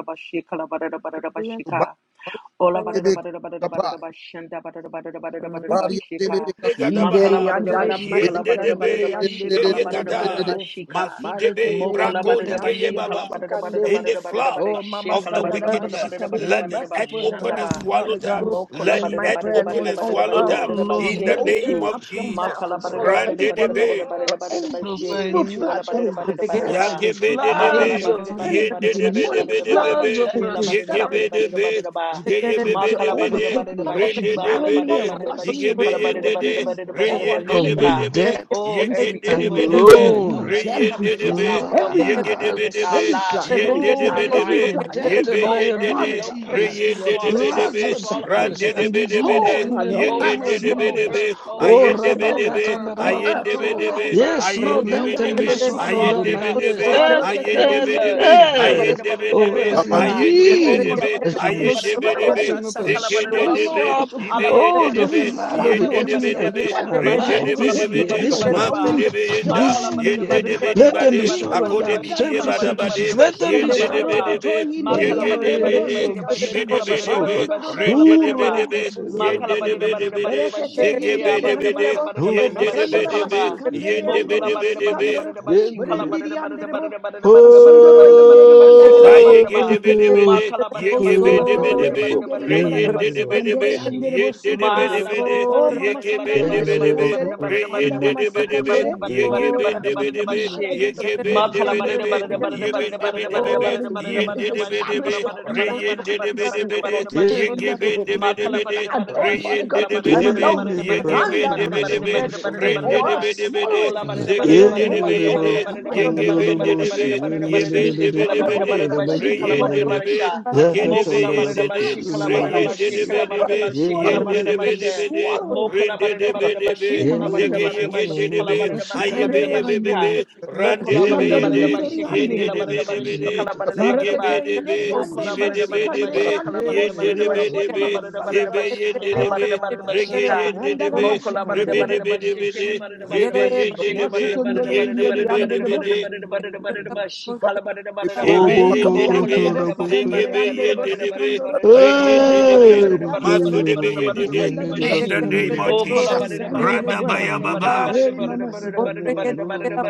ba- ba- Ola badada ebeka, badada badada badada kapai, bashanda badada badada badada badada kapari, bashika. adelebekato, Makala Yinderi Begadabaha, badada andala bashika la Yende badada badada masikandere debe, andere bashika la Ligeye badada badada gada, edededededededede, bosundorobo. bashika. Masudebe, Marekete Mokola inderi Brakoni badada geye andere bashika la baba. badada badada bosikandere. In the badada badada flood Oh, Mama bashika of la the Sandala badada badada badada wickedness, badada Mashikandere, let the badada earth merciful and open bashanda and ba. everlasting swallow Father them. God, Mokola Let may the badada my earth badada prayer, open badada Lord, and badada oh swallow badada earth, them. badada that you Lord, In will the let bashike open name tu. it of up your Jesus. mouth Makala and badada swallow flood, badada Rande badada anyone, Lord, debe, badada or badada floods badada any ba the she evil ketu ala flood that financial badada has been badada set badada up hardship, ba. against me, any Makala floods Yakebedebe, of badada badada satanic, badada badada demonic limitations, badada flood badada ba floods yendebedebedebe, of that has she la been badada set up badada frustration, badada yekebedebe, badada ba. to, to, to Makala ndeyebebedebede, badada overtake badada me, ba floods Lord, to shumba bala drown me rendedebede, badada and badada badada wash me she kala away, badada Lord yigebeyendede, badada Jesus. badada badada Oh, I badada come she of the against it ka. reyendedebedebe, right now. debt. Oh, Every every and satanic, evil any yekendedebedebe, flood, oh, demonic, loans, that is every coming flood, against reyendedebe, our every well-being, evil coming flood, against our yegedebedebe, every lives, floods, flood, Thank coming any against oh our flood, yes, every yendedebedebe, flood, of finances. debt every and flood. O earth, Father yebeyendede, God, locate I them liabilities, ask and you, Lord Reyende de swallow Jesus, it to up. floods set bedebe, of it Swallow back, up Lord sickness rande de every Jesus. and evil disease bedebe, flood. Hold in the on, oh, O name earth, yekende of earth, de swallow O it up. Jesus. earth, bedebe, O Oh, Oh earth, earth, ayende swallow O it up. Rabakata bedebe, and earth, Oh, O earth, ayende earth, Rabakuto. swallow O bedebe, it up. earth. Yes, Lord, ayende let them Locate be it bedebe, and swallowed swallow up ayende it Ndaramashikandidia. by up. the earth. Swallow bedebe, up Earth, the Arakete evil ayende earth, flood. bedebe, Shakala inderiandirema. bada earth. da ayende bada da bada Oh da bedebe, Oh, earth bada da kabande, earth, ba. I ayende call O you kola indeed, to bedebe, bada da that open ededededededede, you up bada da will and bada ayende da bada swallow ba. bedebe, every Sha- open up and Shakala bada da zekende ba every de swallow be, shi. up spiritual Ala flood, ibeye bada da all bada de the da be, every bada da flood bada da flood, of the bada yende Lord de enemy Jesus, da that bada da bada da bedebe, against set bada up, my da ba. Lord, to rende life de Shukola this overtake bada me, da year, to bedebe, bada da this bada da month overwhelm maku ba. me, de to beyenda, this Makala bada da year. yende overcome bada de me, da bada Lord. da Let you. bada them da be bedibade, bada da bada swallowed Inderi da akode ba. up. andara bidiye Shikala bada da bada badabade, 2026, da ba. mashikandere. let them be Shikala Thank yende bada de da swallowed Maroko ba. up. toy bedebe, Ma In the inderi kalamba ne ne mighty andere ne Yegedebede, name ne ne of ne she bosikandere. kalamba ne Jesus, ne oh ibedebedebe, ne God. ne Marondoro she kalamba ne ne inderi rendedebedebe, andere ma kalamba ne bosikandoro. ne ne ne yendedebedebede, ne Berekete she kill ya inderi ne ne zegebedebede, andere bo. ne ne ne she Masandara yendedebedebe, kalamba mashikandere mo andere kalamba ne ne ne yendebedebedebe, ne bosikandoro. ne she kalamba ne Berendiri ne ne andere bo. ne Masundoro inderi ne she kalamba ne ne Zayege de ma Bedebede, kalamba ne ne Yegebe de Mabrondere Bedebe, inderi ne andara Rayen de ne Bedebe, ne masikandere Oh, she andere Yen de bosu ma kondoro. la ne Bedebede, Oh, mama sandara Yegeben de Yeah. Bedebe, masikandere, Rayen andara de Bedebe, masikandere. ne And if I Yegeben ne de ne ne Bedebe, flood she. against my Yegeben de Makala finances, barada Lord, Bedebe, barada any barada evil Yeben barada de flood, barada barada Lord, Bedebe, that barada barada is, Yen is de barada bashi Bedebe, kala established to hold barada me back, barada to Rayen barada keep me barada barada single, de Zayegedebedebede, Lord, barada to keep me bashi miserable, to keep me makala yegebedebedebe, barada sad, barada oh, bashi Father God, kala to barada keep reyendedebedebe, me barada de lonely. barada barada Andara barada barada barada yegebendebedebe, barada masikandere. barada barada Oh, ba I'll reyendedebedebe, swallow it de ola up yegebendebedebe, yebendebedebebe, de reyendedebedebede, yegebendebedebede, reyendedebedebe, yegebendebedebe, right barada now. barada barada Oh, I'll barada rendedebedebede, open barada de it up like you barada barada did, you. barada barada Lord, in barada yegebendedebe, barada Yen Revelation. barada yen shi yen yen yen yen kala de be de Father, be barada Yere open de it barada up like you bashi did kala in Rayen de barada de, barasha be, Revelation, Lord, and Agede be mokola yen barada de de uh, bashi kala barada swallow Rayen it, de, bashi de be kala de swallow barada it, be, bashi swallow kala Yen it, de barada de, be de bashi be de swallow it up Ren mokola de right barada de now. be barada de, In bashi be, the kala name barada Zege of barada yegen bashi de Jesus. de kala be, barada barada Ayebe barada Asikandere ye be bashi be andere ka Yendere be, Ran de Mokola de be barada ye Asikandori de, barada ba inderi Yen shekeli andere de da bo de barada be de barada be sikandere. de, shekala barada barada Zege be Narekete ba de be, inderi mokola andere Ibe bo barada de be barada de, ba be, sikandere, edibarasaba, shekala andere bo barada Yen de barada de ba be sundoro de bori shekala be, mama barada barada sandara ba Zebe yen de, shekeli de masikandere. be, barada barada ba Rege shika yen de de Andara ran mokola barada masikandere. barada ba Yebendebedebede, shekeli reyendedebe, barada barada ba akedebe yendede, shekeli de yendedebedebede, de zegeyegendedebe, ayebeyebebebe, randedebeyede, de zegebedebe, ibedebedebe, barada yendedebedebe, de regeyendedebe, de barada Masukondole barada inderi barada andere rebeyendedebe, bo. de. barada barada barada barada barada ba shikala barada barada ba epaka- Marindiri okola yandere Shebeyendedebe, barada bossi barada Oh, kandere barada barada yandere barada bossi barada zegebeyendedebe, kandoro. barada barada barada Marakete barada reyendedebe, Yendere indere barada barada barada yandere bo. barada barada mazudebeyendede. Misandara ba In shi mashi the bakuyo name kandere. ndoro of Oh, boshi Jesus, Stand yendere on your bakuyo word. Radabaya ndoro Baba, Heri mama sikandere.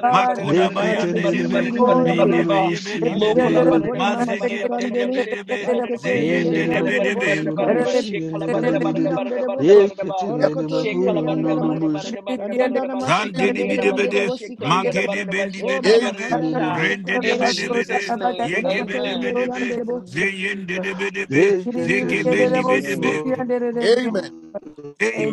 Makoda Marikete Bayandebe, indiri yandere ma. Mindebeyebedebede, Masundoro bori mama sikandere. Mazegendebedebe, Marikete indere yandere Zeyendebedebe, bossi Amen. kandere. Borondiri yandere bo. Morokoto indere yandere ma. In boshi Andandana mashi Amen. kandere yandere Zandebedebede, bossi kandere. Oh mama Amen. Magedebendebedebe, handana mashi in kandere. Rendebedebede, Jesus' name, amen. Yegebedebedebe, yendere I Zeyendebedebe, am In Jesus' name. Zegebendebedebe. above Amen.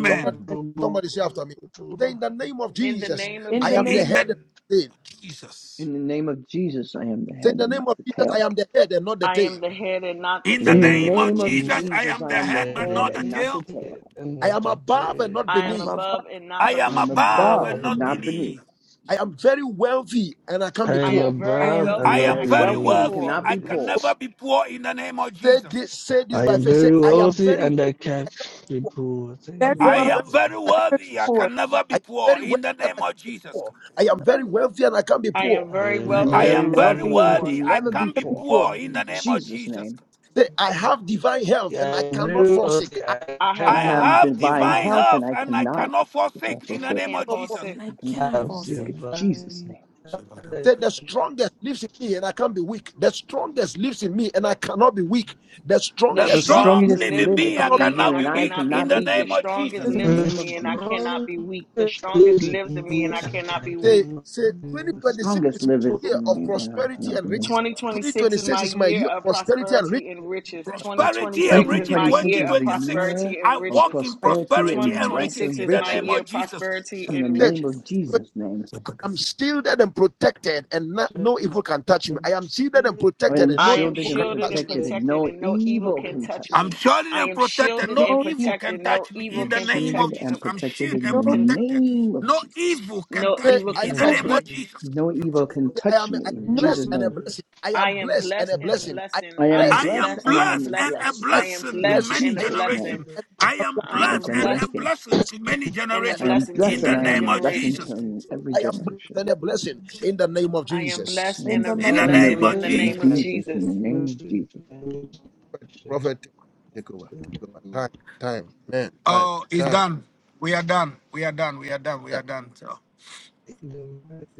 Somebody, somebody say after me. Say in the name of In the Jesus, name of I the am name, the Jesus, In the head. of name the tail. of Jesus. In the name of Jesus, I am the Say in head the and not name of the Jesus, I tail. am the head and not the I am tail. the head and not the In the In the in the tail. name of name name of of Jesus, Jesus, I Jesus, am I the am the head but head not the and not the tail. tail. I am above and not I I am am beneath. above. above and not I I am beneath. am above and above and not not beneath. beneath. I am very wealthy and I can't be I poor. am I very am I and I am wealthy and not am I very very can't wealthy be and beneath worthy. poor. cannot in I be can poor. never Jesus. be poor in the name of Say Jesus. this, say this I by am faith. Say, very I am wealthy very, and I catch the poor. I Thank am you very I very for the wealthy wealthy. am blood. very never worthy. I before. can never be I am poor very in the wealthy and I name of can't be Jesus. poor. I am very wealthy and I can't be I poor. am I very I am am I I am Oh, wealthy and very I am very can't very be wealthy and poor. worthy. can wealthy. I never I be can be never can poor. before, poor in never the In be name of Jesus' Jesus. name. Say, I poor. have divine health and I I cannot know that forsake. I I I I I have cannot have divine have divine health divine for health and health I and I cannot cannot forsake in and forfeit the I it. name can't of cannot fall forsake. Jesus. and sick. I I cannot cannot have fall forsake it. In sick. Jesus' divine name. help Say, I the can- strongest lives in me and I can't be weak. The strongest lives in me and I cannot be weak. The The The The strongest lives. cannot. strong strongest strongest live in lives liveth me, in I in me and cannot me I be and I weak cannot be in cannot the be weak. The name weak. of strongest In Jesus. the lives the name in of me and I Jesus. cannot strong be weak. The that strongest is in lives in me and me I and cannot I be Say, weak. cannot say do. the 2026 strongest is my livers year in, of in, in, prosperity and riches. 2026 is 2026 my is my year year of of prosperity and riches. prosperity and riches. Uh, Prosperity and 2026 is riches my 2026 year is of the 2026. year prosperity and I of walk riches. in Like prosperity prosperity and and wealth riches 2026 and in is the my name year riches of of Jesus. prosperity in the and Say, name riches. of "But Jesus' name. I am shielded and protected, and not, no evil can touch me. I am shielded and I protected, am and no I am shielded evil can and shielded touch and me. protected, and protected, no and no evil evil can can touch touch I'm me. me. shielded I and am protected. shielded No and no evil evil, can protected. No touch me I evil in am the can name protect. of shielded Jesus. and I'm protected shielded in and the no Can protected. name of No Jesus. evil can no Say, touch evil me I can in am the a no touch name evil, of blessed. me. Jesus. No evil can I touch am, me I am in no blessed Jesus' evil and a name. blessing. I I am am blessed and blessed a in a blessing. I am blessing. I I am I blessed am am blessed blessed and I in a am blessed a and blessing. a and I blessing am blessing to in blessed blessed and a blessing. many in a I am, Jesus' blessing. name generations. it. and I am to I I my blessed am am and blessed, a blessed generation. blessing blessing, to many in a blessed. I generations am blessing I to in blessed the and I many am name am of a blessing generations. Jesus. to every I am blessed generation. and a blessing in the name of I am Jesus. blessed And in in the a just In mighty the Send them a blessing name of in the blessing blessed in name of Jesus. Jesus, in the and Jesus. name of mercy Jesus. and Jesus Prophet, take take over, take in the over. Time, time, man, time, Oh, it's time. done. We are done. We are done. We are done. We Yeah. are done. So,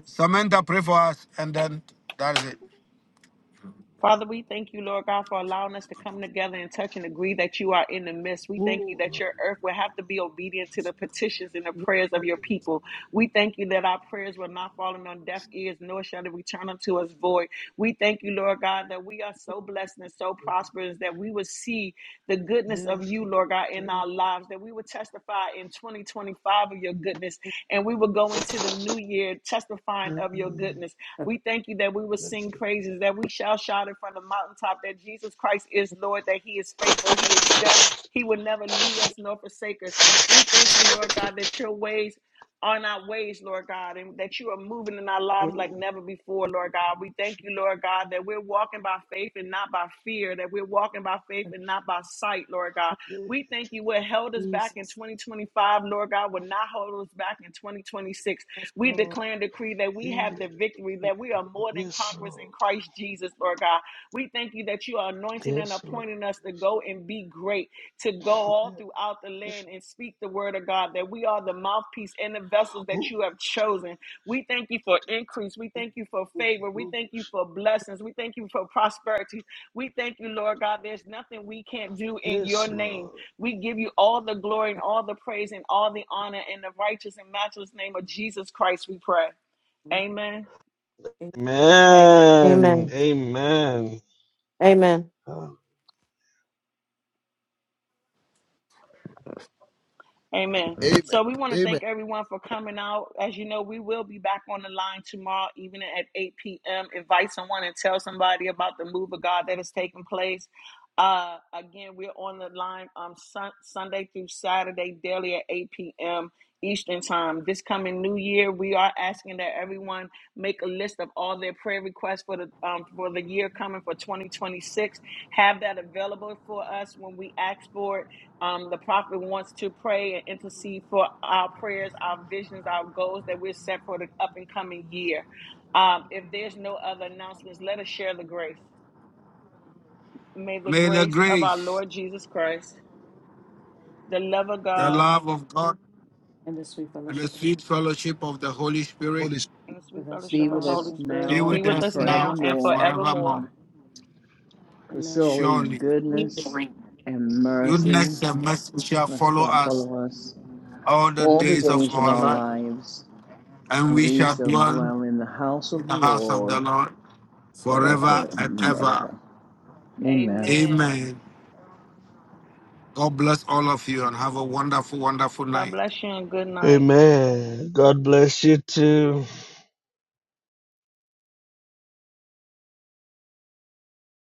Samantha, pray for us, and then that is it. Father, we thank you, Lord God, for allowing us to come together and touch and agree that you are in the midst. We thank you that your earth will have to be obedient to the petitions and the name prayers of of your people. We thank you that our prayers will not fall on deaf ears, nor shall it return unto us void. We thank you, Lord God, that we are so blessed and so prosperous that we will see the goodness of Yes, you you, Lord, Lord God, in our very lives, that we would testify in 2025 of your goodness, and we will go into the new year testifying of your cool, goodness. We thank you that we will sing blessed, praises, that we shall shout it from the mountaintop, that Jesus Christ is Lord, that He is faithful, He is just, He will never leave us nor forsake us. We thank you, Lord God, that your ways on our ways, Lord God, and that you are moving in our lives like oh, never before, Lord God. We thank you, Lord God, that we're walking by faith and not by fear, that we're walking by faith And and not by sight, Lord God. yeah, We thank you what held us back in Jesus, 2025, Lord God, will not hold us back in 2026. yes, We Lord, declare and decree that we yeah, have the victory, thank that we are more than yes, conquerors in Lord, Christ Jesus, Lord God. We thank you that you are anointing and yes, appointing Lord, appointed us to go and be great, to go all throughout the you, yes, land and speak the word of God, that we are the mouthpiece and the vessels that you have chosen. We thank you for increase. We thank you for favor. We Lord, thank you for blessings. We thank you for prosperity. We thank you, Lord God. There's nothing we can't do in your yes, name. Lord, We give you all the glory and all the praise and all the honor in the righteous and matchless name of Jesus Christ, we pray. Amen. Amen. Amen. Amen. Amen. Amen. Amen. Amen. Amen. So we want to Amen. thank everyone for coming out. As you know, we will be back on the line tomorrow evening at 8 p.m. Invite someone and tell somebody about the move of God that is taking place. Uh, again, we're on the line um, sun- Sunday through Saturday, daily at 8 p.m. Eastern Time. This coming New Year, we are asking that everyone make a list of all their prayer requests for the um, for the year coming for 2026. Have that available for us when we ask for it um, the prophet wants to pray and intercede for our prayers, our visions, our goals that we're set for the up and coming year. Um, if there's no other announcements, let us share the grace. May the May Mm, the grace of our grace, Lord Jesus Christ, the love of The the God, love love of God, and the sweet and the fellowship sweet fellowship of the Holy Spirit Holy and the with sweet us Be fellowship of with now us Holy and forevermore. be Spirit now be with with and us us now now and and forevermore. forevermore. forevermore. Because amen. surely Surely, goodness and mercy goodness and mercy shall follow shall us follow us all the all the days of days of our our life, lives, and and we we shall shall dwell dwell in the house in of the the house of the Lord Lord For forever forever and and ever. ever. Amen. Amen. Amen. God bless all of you and have a wonderful, wonderful God night. bless you and good night. Amen. God bless you too.